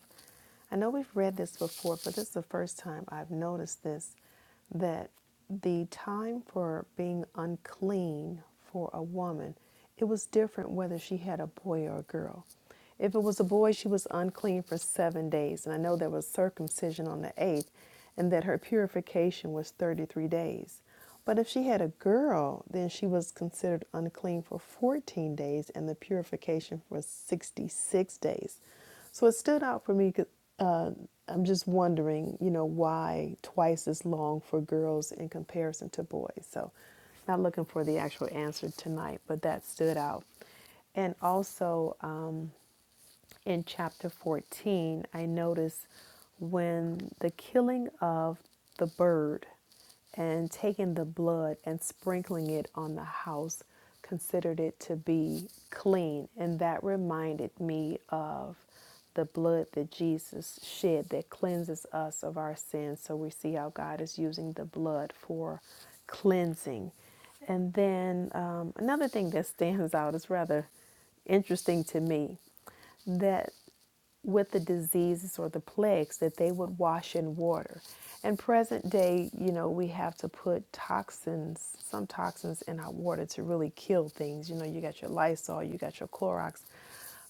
S3: I know we've read this before, but this is the first time I've noticed this that the time for being unclean for a woman, it was different whether she had a boy or a girl. If it was a boy, she was unclean for seven days. And I know there was circumcision on the eighth, and that her purification was 33 days. But if she had a girl, then she was considered unclean for 14 days and the purification for 66 days. So it stood out for me. uh, I'm just wondering, you know, why twice as long for girls in comparison to boys. So, not looking for the actual answer tonight, but that stood out. And also, um, in chapter 14, I notice when the killing of the bird and taking the blood and sprinkling it on the house considered it to be clean. And that reminded me of the blood that Jesus shed that cleanses us of our sins. So we see how God is using the blood for cleansing. And then um, another thing that stands out is rather interesting to me that with the diseases or the plagues that they would wash in water. And present day, you know, we have to put toxins, some toxins in our water to really kill things. You know, you got your Lysol, you got your Clorox,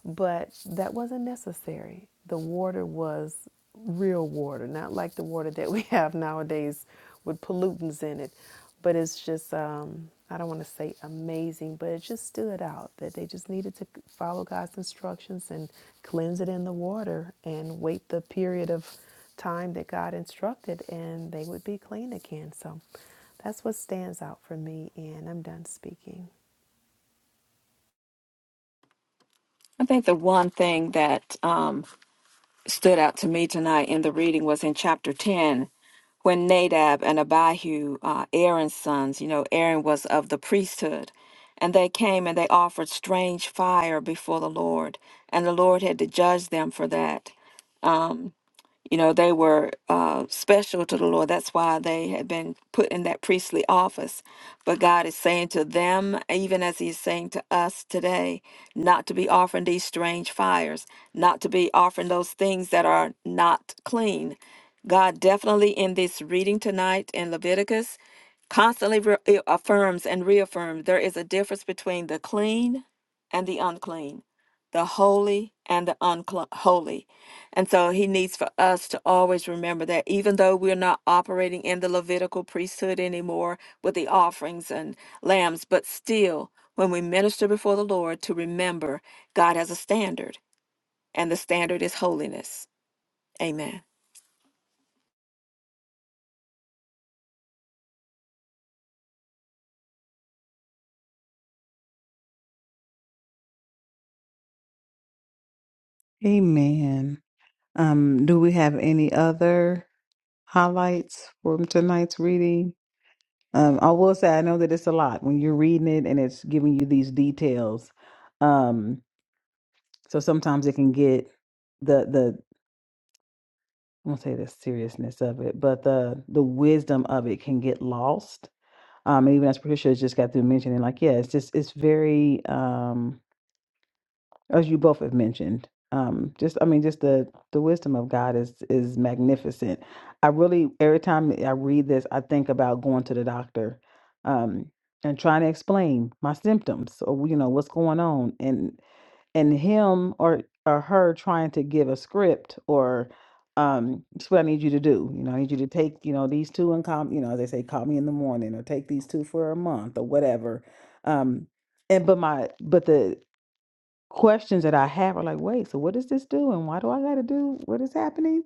S3: but that wasn't necessary. The water was real water, not like the water that we have nowadays with pollutants in it but it's just um, I don't want to say amazing, but it just stood out that they just needed to follow God's instructions and cleanse it in the water and wait the period of time that God instructed, and they would be clean again. So that's what stands out for me, and I'm done speaking.
S2: I think the one thing that um, stood out to me tonight in the reading was in chapter 10 when Nadab and Abihu, uh, Aaron's sons, you know, Aaron was of the priesthood, and they came and they offered strange fire before the Lord, and the Lord had to judge them for that. You know, they were uh, special to the Lord. That's why they had been put in that priestly office. But God is saying to them, even as He's saying to us today, not to be offering these strange fires, not to be offering those things that are not clean. God definitely in this reading tonight in Leviticus constantly re- affirms and reaffirms there is a difference between the clean and the unclean, the holy and the unholy. And so he needs for us to always remember that even though we're not operating in the Levitical priesthood anymore with the offerings and lambs, but still, when we minister before the Lord, to remember God has a standard, and the standard is holiness. Amen.
S1: Amen. Um, do we have any other? highlights from tonight's reading. Um, I will say I know that it's a lot when you're reading it and it's giving you these details. Um, so sometimes it can get the the I won't say the seriousness of it, but the the wisdom of it can get lost. Um, and even as Patricia has just got through mentioning, like, yeah, it's just it's very um as you both have mentioned um just i mean just the the wisdom of god is is magnificent i really every time i read this i think about going to the doctor um and trying to explain my symptoms or you know what's going on and and him or or her trying to give a script or um it's what i need you to do you know i need you to take you know these two and call you know they say call me in the morning or take these two for a month or whatever um and but my but the questions that I have are like, wait, so what is this doing? Why do I got to do what is happening?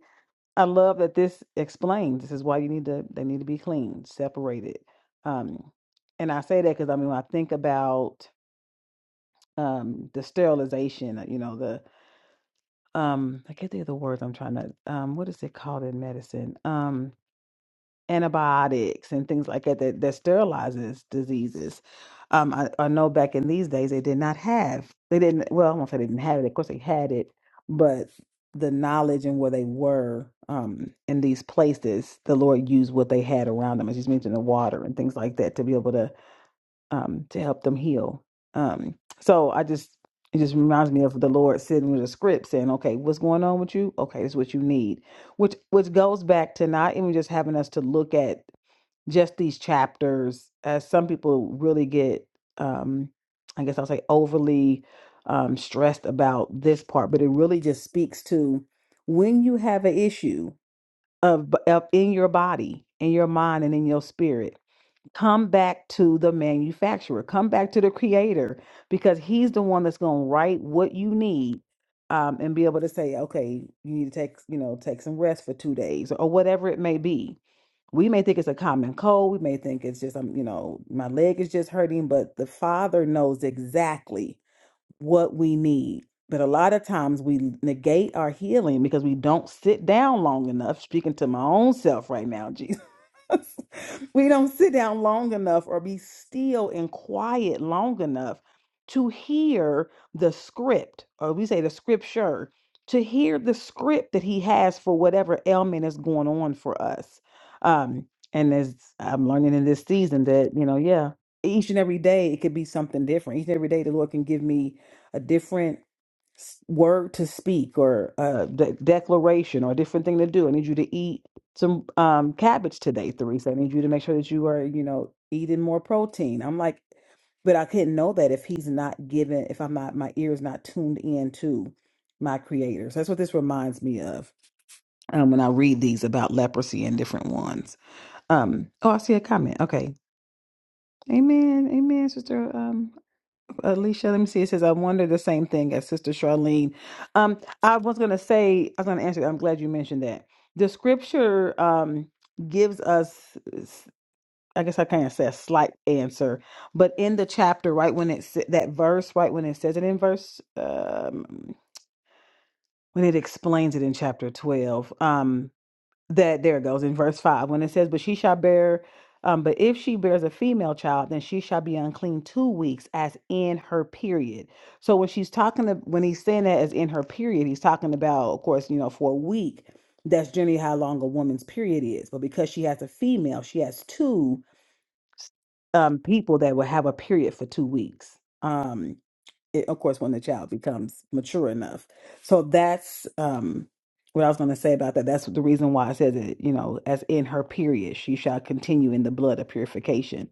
S1: I love that this explains. This is why you need to. They need to be clean, separated. Um, and I say that because I mean, when I think about um the sterilization, uh, you know, the um, I can't think of the words I'm trying to. Um, what is it called in medicine? Um, antibiotics and things like that that, that sterilizes diseases. Um, I, I know back in these days they did not have they didn't well I won't say they didn't have it of course they had it but the knowledge and where they were um, in these places the Lord used what they had around them as you mentioned the water and things like that to be able to um, to help them heal. Um, so I just it just reminds me of the Lord sitting with a script saying, "Okay, what's going on with you? Okay, this is what you need," which which goes back to not even just having us to look at just these chapters, as some people really get, um, I guess I'll say overly um, stressed about this part, but it really just speaks to when you have an issue of, of in your body, in your mind, and in your spirit Come back to the manufacturer, come back to the creator, because he's the one that's going to write what you need um, and be able to say, okay, you need to take, you know, take some rest for two days or whatever it may be. We may think it's a common cold. We may think it's just, um, you know, my leg is just hurting, but the father knows exactly what we need. But a lot of times we negate our healing because we don't sit down long enough. Speaking to my own self right now, Jesus we don't sit down long enough or be still and quiet long enough to hear the script, or we say the scripture, to hear the script that he has for whatever ailment is going on for us. Um, and as I'm learning in this season, that, you know, yeah, each and every day it could be something different. Each and every day the Lord can give me a different word to speak or a de- declaration or a different thing to do. I need you to eat some um, cabbage today, Theresa. I need you to make sure that you are, you know, eating more protein. I'm like, but I couldn't know that if he's not given, if I'm not, my ear is not tuned in to my creators. That's what this reminds me of um, when I read these about leprosy and different ones. Um, oh, I see a comment. Okay. Amen. Amen, sister. um, Alicia, let me see. It says, I wonder the same thing as Sister Charlene. Um, I was going to say, I was going to answer. I'm glad you mentioned that. The scripture um, gives us, s- I guess I can't say a slight answer, but in the chapter, right when it's that verse, right when it says it in verse, um, when it explains it in chapter 12, um, that there it goes in verse five when it says, "But she shall bear, um, but if she bears a female child, then she shall be unclean two weeks, as in her period." So when she's talking to, when he's saying that as in her period, he's talking about, of course, you know, for a week. That's generally how long a woman's period is. But because she has a female, she has two um people that will have a period for two weeks. Um, it, of course, when the child becomes mature enough. So that's um, what I was going to say about that. That's the reason why I said that, you know, as in her period, she shall continue in the blood of purification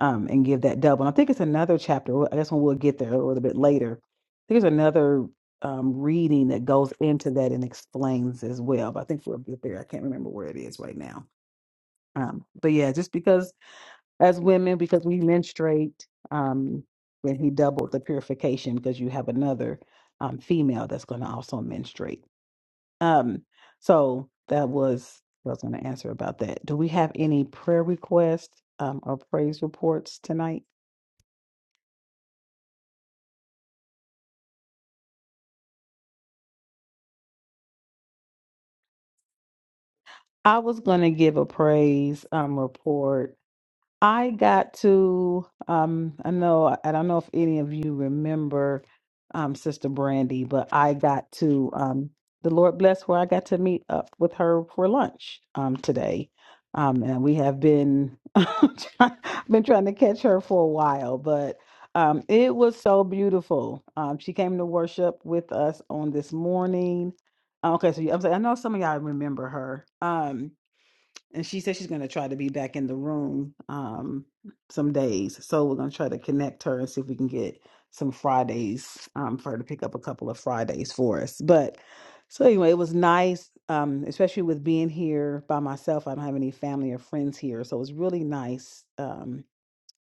S1: um, and give that double. And I think it's another chapter. well, I guess when we'll get there a little bit later. There's another um, reading that goes into that and explains as well. But I think we'll get there. I can't remember where it is right now. Um, but yeah, just because as women because we menstruate um when he doubled the purification because you have another um female that's going to also menstruate um so that was I was going to answer about that do we have any prayer requests um or praise reports tonight i was going to give a praise um report I got to um I know I don't know if any of you remember um Sister Brandy, but I got to um the Lord bless where I got to meet up with her for lunch um today. Um and we have been try- been trying to catch her for a while, but um it was so beautiful. Um she came to worship with us on this morning. Okay, so you- I'm saying I know some of y'all remember her. Um, and she said she's going to try to be back in the room um some days so we're going to try to connect her and see if we can get some fridays um for her to pick up a couple of fridays for us but so anyway it was nice um especially with being here by myself i don't have any family or friends here so it was really nice um,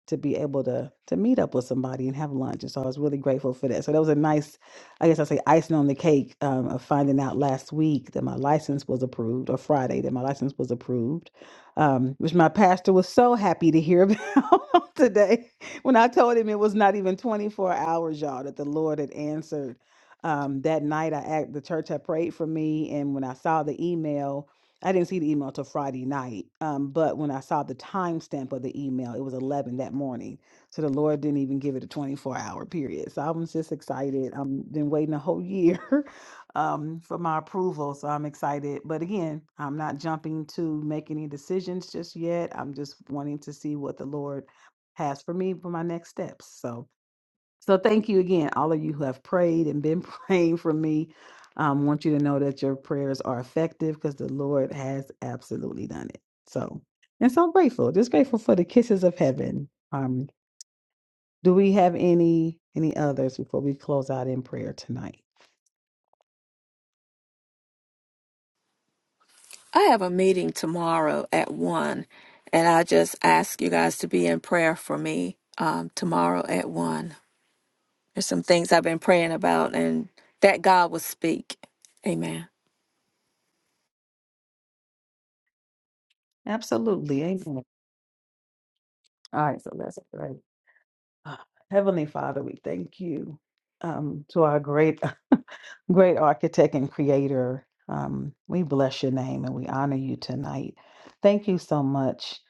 S1: to be able to to meet up with somebody and have lunch. And so I was really grateful for that. So that was a nice, I guess I say icing on the cake um, of finding out last week that my license was approved, or Friday that my license was approved, um, which my pastor was so happy to hear about today when I told him it was not even 24 hours, y'all, that the Lord had answered. Um, that night, I act, the church had prayed for me, and when I saw the email, I didn't see the email till Friday night. Um, but when I saw the timestamp of the email, it was 11 that morning. So the Lord didn't even give it a 24 hour period. So I was just excited. I've been waiting a whole year um, for my approval. So I'm excited. But again, I'm not jumping to make any decisions just yet. I'm just wanting to see what the Lord has for me for my next steps. So so thank you again, all of you who have prayed and been praying for me. I um, want you to know that your prayers are effective because the Lord has absolutely done it. So, and so grateful, just grateful for the kisses of heaven. Um, do we have any any others before we close out in prayer tonight?
S2: I have a meeting tomorrow at 1, and I just ask you guys to be in prayer for me um, tomorrow at 1. There's some things I've been praying about, and that God will speak. Amen.
S1: Absolutely. Amen. All right, so let's pray. Ah, Heavenly Father, we thank you um, to our great Great architect and creator. Um, we bless your name and we honor you tonight. Thank you so much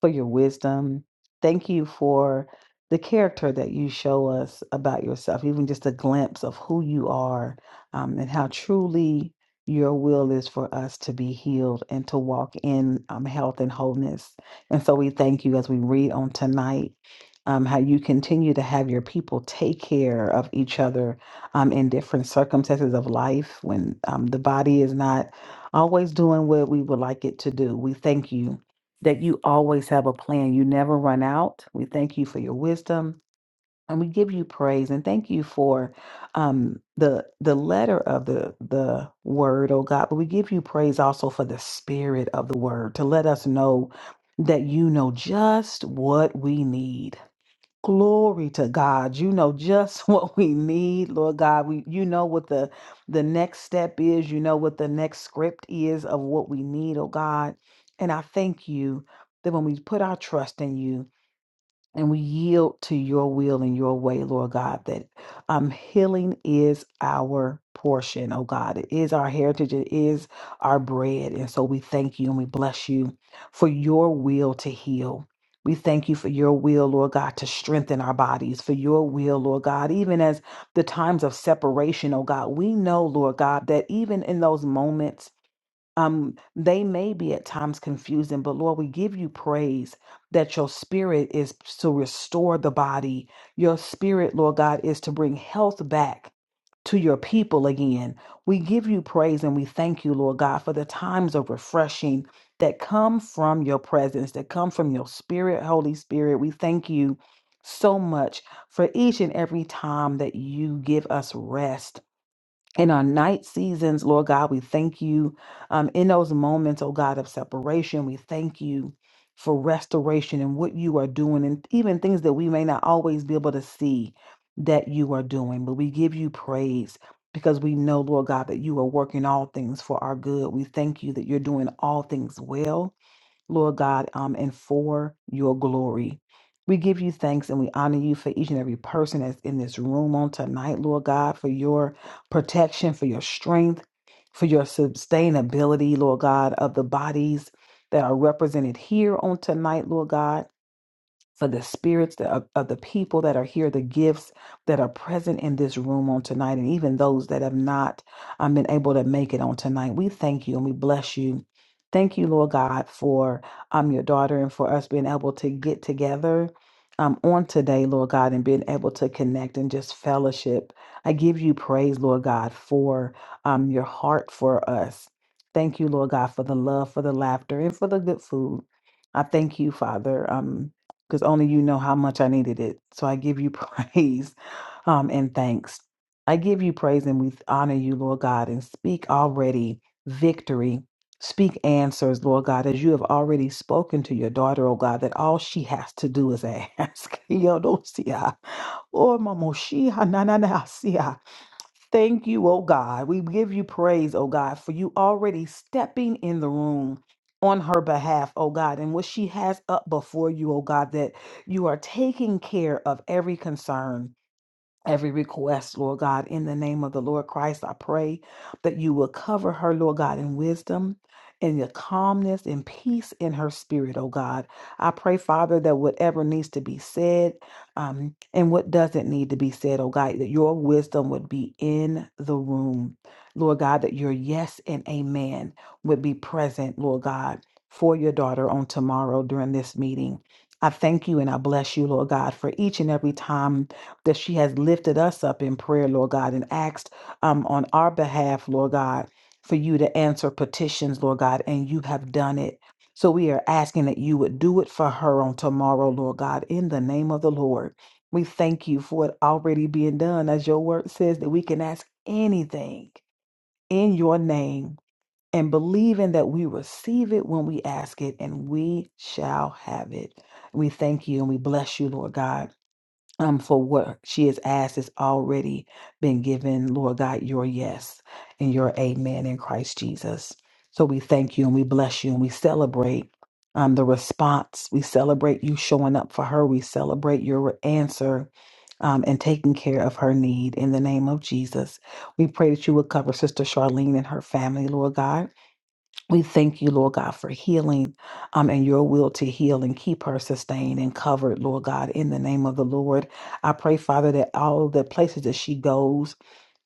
S1: for your wisdom. Thank you for the character that you show us about yourself, even just a glimpse of who you are um, and how truly your will is for us to be healed and to walk in um, health and wholeness. And so we thank you as we read on tonight. Um, how you continue to have your people take care of each other um, in different circumstances of life when um, the body is not always doing what we would like it to do. We thank you that you always have a plan. You never run out. We thank you for your wisdom and we give you praise and thank you for um, the the letter of the the word, oh God. But we give you praise also for the spirit of the word to let us know that you know just what we need Glory to God. You know just what we need, Lord God. We you know what the the next step is, you know what the next script is of what we need, oh God. And I thank you that when we put our trust in you, and we yield to your will and your way, Lord God, that um, healing is our portion, oh God. It is our heritage, it is our bread. And so we thank you and we bless you for your will to heal. We thank you for your will, Lord God, to strengthen our bodies, for your will, Lord God, even as the times of separation, oh God, we know, Lord God, that even in those moments, um, they may be at times confusing, but Lord, we give you praise that your spirit is to restore the body. Your spirit, Lord God, is to bring health back to your people again. We give you praise and we thank you, Lord God, for the times of refreshing that come from your presence, that come from your spirit, Holy Spirit. We thank you so much for each and every time that you give us rest in our night seasons, Lord God, we thank you. Um, in those moments, oh God, of separation, we thank you for restoration and what you are doing, and even things that we may not always be able to see that you are doing. But we give you praise because we know, Lord God, that you are working all things for our good. We thank you that you're doing all things well. Lord God, um, and for your glory. We give you thanks and we honor you for each and every person that's in this room on tonight, Lord God, for your protection, for your strength, for your sustainability, Lord God, of the bodies that are represented here on tonight, Lord God for the spirits that- of, of the people that are here, the gifts that are present in this room on tonight, and even those that have not um, been able to make it on tonight. We thank you and we bless you. Thank you, Lord God, for um, your daughter and for us being able to get together um, on today, Lord God, and being able to connect and just fellowship. I give you praise, Lord God, for um, your heart for us. Thank you, Lord God, for the love, for the laughter, and for the good food. I thank you, Father. Um, because only you know how much I needed it. So I give you praise um, and thanks. I give you praise and we honor you, Lord God, and speak already victory. Speak answers, Lord God, as you have already spoken to your daughter, oh God, that all she has to do is ask. Yo, don't see her. Oh, mama, she, ha, na, na, na, see her. Thank you, oh God. We give you praise, oh God, for you already stepping in the room on her behalf, oh God, and what she has up before you, oh God, that you are taking care of every concern every request, Lord God, in the name of the Lord Christ. I pray that you will cover her, Lord God, in wisdom. In your calmness and peace in her spirit, oh God. I pray, Father, that whatever needs to be said um, and what doesn't need to be said, oh God, that your wisdom would be in the room. Lord God, that your yes and amen would be present, Lord God, for your daughter on tomorrow during this meeting. I thank you and I bless you, Lord God, for each and every time that she has lifted us up in prayer, Lord God, and asked um, on our behalf, Lord God, for you to answer petitions, Lord God, and you have done it. So we are asking that you would do it for her on tomorrow, Lord God, in the name of the Lord. We thank you for it already being done. As your word says, that we can ask anything in your name and believing that we receive it when we ask it and we shall have it. We thank you and we bless you, Lord God um, for what she has asked has already been given, Lord God, your yes and your amen in Christ Jesus. So we thank you and we bless you and we celebrate um, the response. We celebrate you showing up for her. We celebrate your answer um, and taking care of her need in the name of Jesus. We pray that you would cover Sister Charlene and her family, Lord God. We thank you, Lord God, for healing um, and your will to heal and keep her sustained and covered, Lord God, in the name of the Lord. I pray, Father, that all the places that she goes,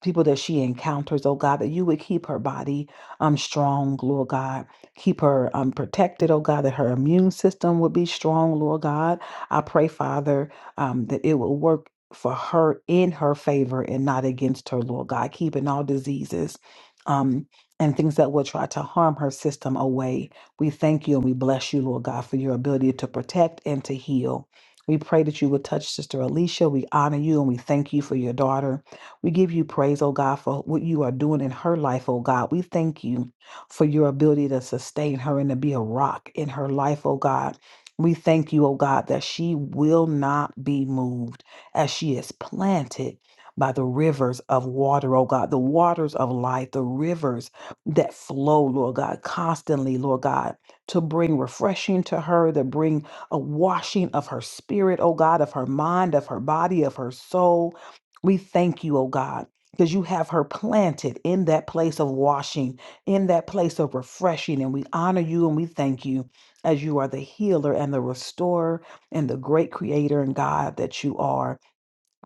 S1: people that she encounters, oh God, that you would keep her body um, strong, Lord God. Keep her um, protected, oh God, that her immune system would be strong, Lord God. I pray, Father, um, that it will work for her in her favor and not against her, Lord God, keeping all diseases. um and things that will try to harm her system away. We thank you and we bless you, Lord God, for your ability to protect and to heal. We pray that you would touch Sister Alicia. We honor you and we thank you for your daughter. We give you praise, oh God, for what you are doing in her life, oh God. We thank you for your ability to sustain her and to be a rock in her life, oh God. We thank you, oh God, that she will not be moved as she is planted by the rivers of water, oh God, the waters of life, the rivers that flow, Lord God, constantly, Lord God, to bring refreshing to her, to bring a washing of her spirit, oh God, of her mind, of her body, of her soul. We thank you, oh God, because you have her planted in that place of washing, in that place of refreshing. And we honor you and we thank you as you are the healer and the restorer and the great creator and God that you are.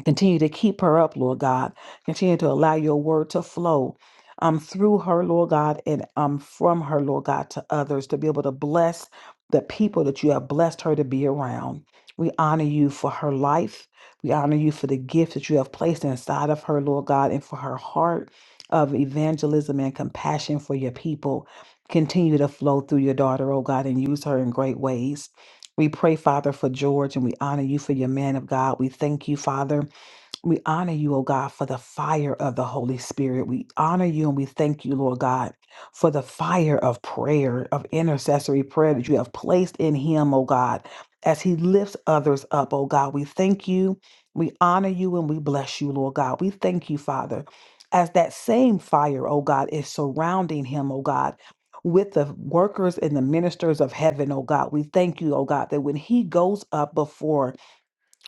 S1: Continue to keep her up, Lord God. Continue to allow your word to flow um, through her, Lord God, and um, from her, Lord God, to others to be able to bless the people that you have blessed her to be around. We honor you for her life. We honor you for the gift that you have placed inside of her, Lord God, and for her heart of evangelism and compassion for your people. Continue to flow through your daughter, oh God, and use her in great ways. We pray, Father, for George, and we honor you for your man of God. We thank you, Father we honor you, O God, for the fire of the Holy Spirit. We honor you and we thank you, Lord God, for the fire of prayer, of intercessory prayer that you have placed in him, O God, as he lifts others up, O God. We thank you, we honor you, and we bless you, Lord God. We thank you, Father, as that same fire, O God, is surrounding him, O God. With the workers and the ministers of heaven, O God, we thank you, O God, that when he goes up before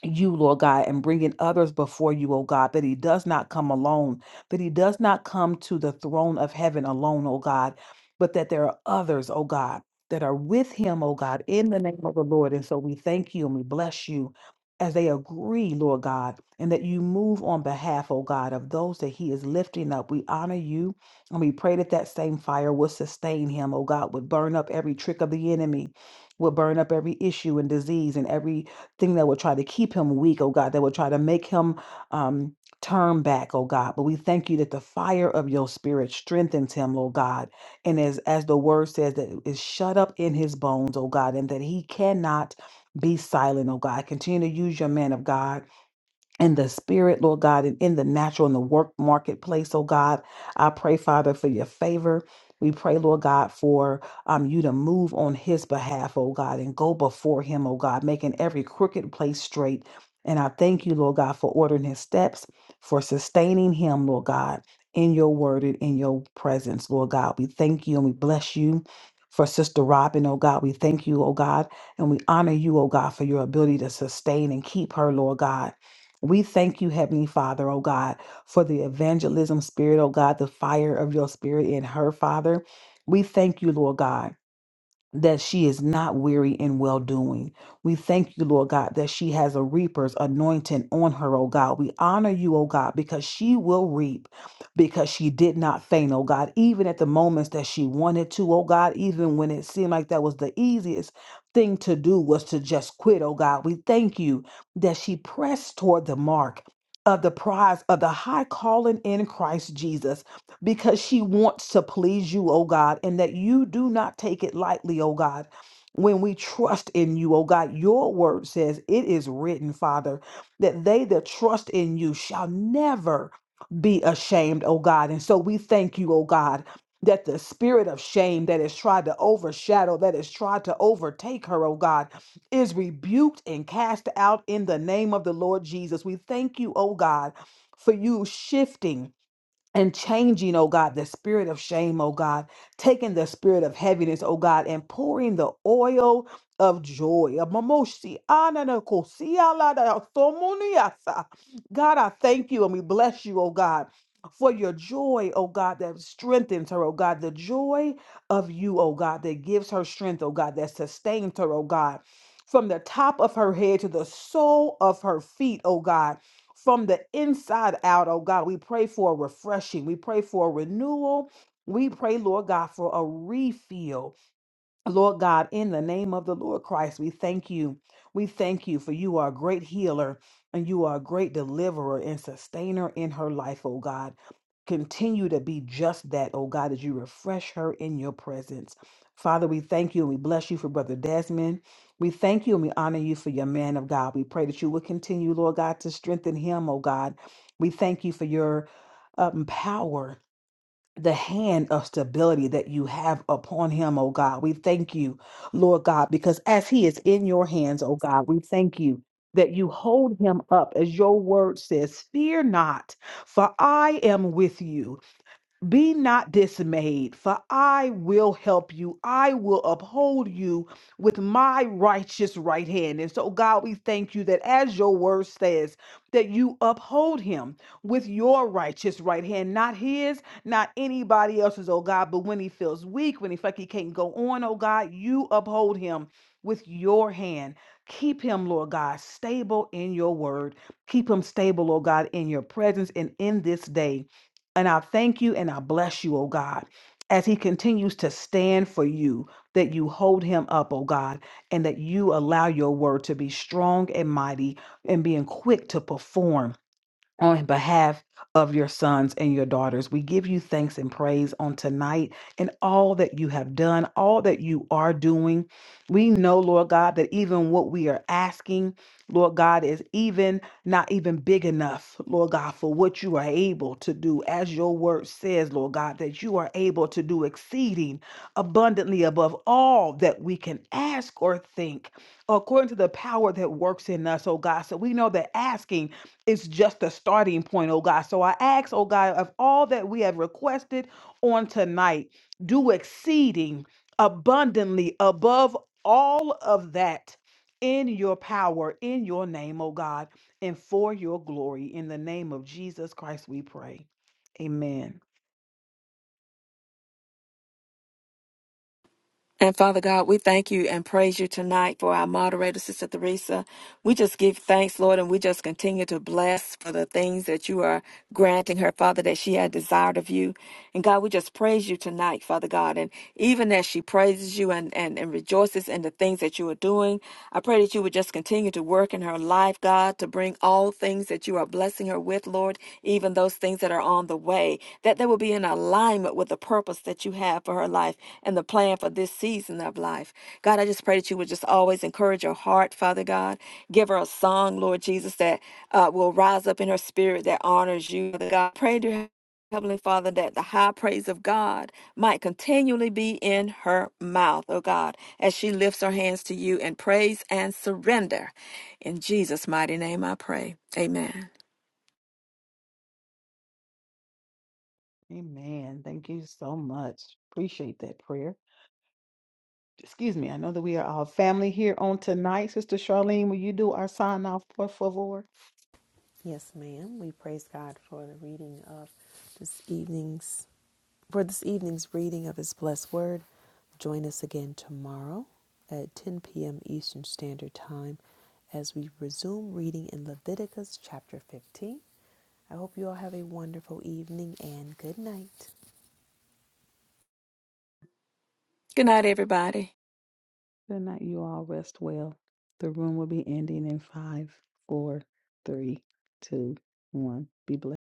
S1: you, Lord God, and bringing others before you, oh God, that he does not come alone, that he does not come to the throne of heaven alone, oh God, but that there are others, oh God, that are with him, oh God, in the name of the Lord. And so we thank you and we bless you as they agree, Lord God, and that you move on behalf, oh God, of those that he is lifting up. We honor you and we pray that that same fire will sustain him, oh God, would burn up every trick of the enemy, would burn up every issue and disease and every thing that would try to keep him weak, oh God, that would try to make him um, turn back, oh God. But we thank you that the fire of your spirit strengthens him, oh God. And as, as the word says, that is shut up in his bones, oh God, and that he cannot be silent, oh God. Continue to use your man of God in the spirit, Lord God, and in the natural, in the work marketplace, oh God. I pray, Father, for your favor. We pray, Lord God, for um, you to move on his behalf, oh God, and go before him, oh God, making every crooked place straight. And I thank you, Lord God, for ordering his steps, for sustaining him, Lord God, in your word and in your presence, Lord God. We thank you and we bless you for Sister Robin, oh God. We thank you, oh God, and we honor you, oh God, for your ability to sustain and keep her, Lord God. We thank you, Heavenly Father, oh God, for the evangelism spirit, oh God, the fire of your spirit in her, Father. We thank you, Lord God that she is not weary in well doing. We thank you, Lord God, that she has a reaper's anointing on her, oh God. We honor you, oh God, because she will reap because she did not faint, oh God, even at the moments that she wanted to, oh God, even when it seemed like that was the easiest thing to do was to just quit, oh God. We thank you that she pressed toward the mark. Of the prize of the high calling in Christ Jesus because she wants to please you, oh God, and that you do not take it lightly, oh God. When we trust in you, oh God, your word says it is written, Father, that they that trust in you shall never be ashamed, oh God. And so we thank you, oh God, that the spirit of shame that has tried to overshadow, that has tried to overtake her, oh God, is rebuked and cast out in the name of the Lord Jesus. We thank you, oh God, for you shifting and changing, oh God, the spirit of shame, oh God, taking the spirit of heaviness, oh God, and pouring the oil of joy. Amamoshi, ananakosi, alada, somoniasa. God, I thank you and we bless you, oh God. For your joy, oh God, that strengthens her, oh God, the joy of you, oh God, that gives her strength, oh God, that sustains her, oh God, from the top of her head to the sole of her feet, oh God from the inside out, oh God. We pray for a refreshing. We pray for a renewal. We pray, Lord God, for a refill. Lord God, in the name of the Lord Christ, we thank you. We thank you for you are a great healer and you are a great deliverer and sustainer in her life, oh God. Continue to be just that, oh God, as you refresh her in your presence. Father, we thank you and we bless you for Brother Desmond. We thank you and we honor you for your man of God. We pray that you will continue, Lord God, to strengthen him, oh God. We thank you for your um, power the hand of stability that you have upon him, oh God. We thank you, Lord God, because as he is in your hands, oh God, we thank you that you hold him up as your word says, fear not, for I am with you. Be not dismayed, for I will help you. I will uphold you with my righteous right hand. And so, God, we thank you that as your word says, that you uphold him with your righteous right hand, not his, not anybody else's, oh God. But when he feels weak, when he feel like he can't go on, oh God, you uphold him with your hand. Keep him, Lord God, stable in your word. Keep him stable, oh God, in your presence and in this day. And I thank you and I bless you, oh God, as he continues to stand for you, that you hold him up, oh God, and that you allow your word to be strong and mighty and being quick to perform on behalf of your sons and your daughters. We give you thanks and praise on tonight and all that you have done, all that you are doing. We know, Lord God, that even what we are asking, Lord God, is even not even big enough, Lord God, for what you are able to do. As your word says, Lord God, that you are able to do exceeding abundantly above all that we can ask or think, according to the power that works in us, oh God. So we know that asking it's just a starting point, oh God. So I ask, oh God, of all that we have requested on tonight, do exceeding abundantly above all of that in your power, in your name, oh God, and for your glory. In the name of Jesus Christ, we pray. Amen.
S2: And Father God, we thank you and praise you tonight for our moderator, Sister Theresa. We just give thanks, Lord, and we just continue to bless for the things that you are granting her, Father, that she had desired of you. And God, we just praise you tonight, Father God. And even as she praises you and, and, and rejoices in the things that you are doing, I pray that you would just continue to work in her life, God, to bring all things that you are blessing her with, Lord, even those things that are on the way, that they will be in alignment with the purpose that you have for her life and the plan for this season of life. God, I just pray that you would just always encourage her heart, Father God. Give her a song, Lord Jesus, that uh, will rise up in her spirit that honors you, Father God. Pray to her Heavenly Father, that the high praise of God might continually be in her mouth, oh God, as she lifts her hands to you in praise and surrender. In Jesus' mighty name I pray. Amen.
S1: Amen. Thank you so much. Appreciate that prayer. Excuse me. I know that we are all family here on tonight. Sister Charlene, will you do our sign off, por favor?
S3: Yes, ma'am. We praise God for the reading of this evening's for this evening's reading of His blessed word. Join us again tomorrow at 10 p.m. Eastern Standard Time as we resume reading in Leviticus chapter 15. I hope you all have a wonderful evening and good night.
S2: Good night, everybody.
S1: Good night, you all. Rest well. The room will be ending in five, four, three, two, one. Be blessed.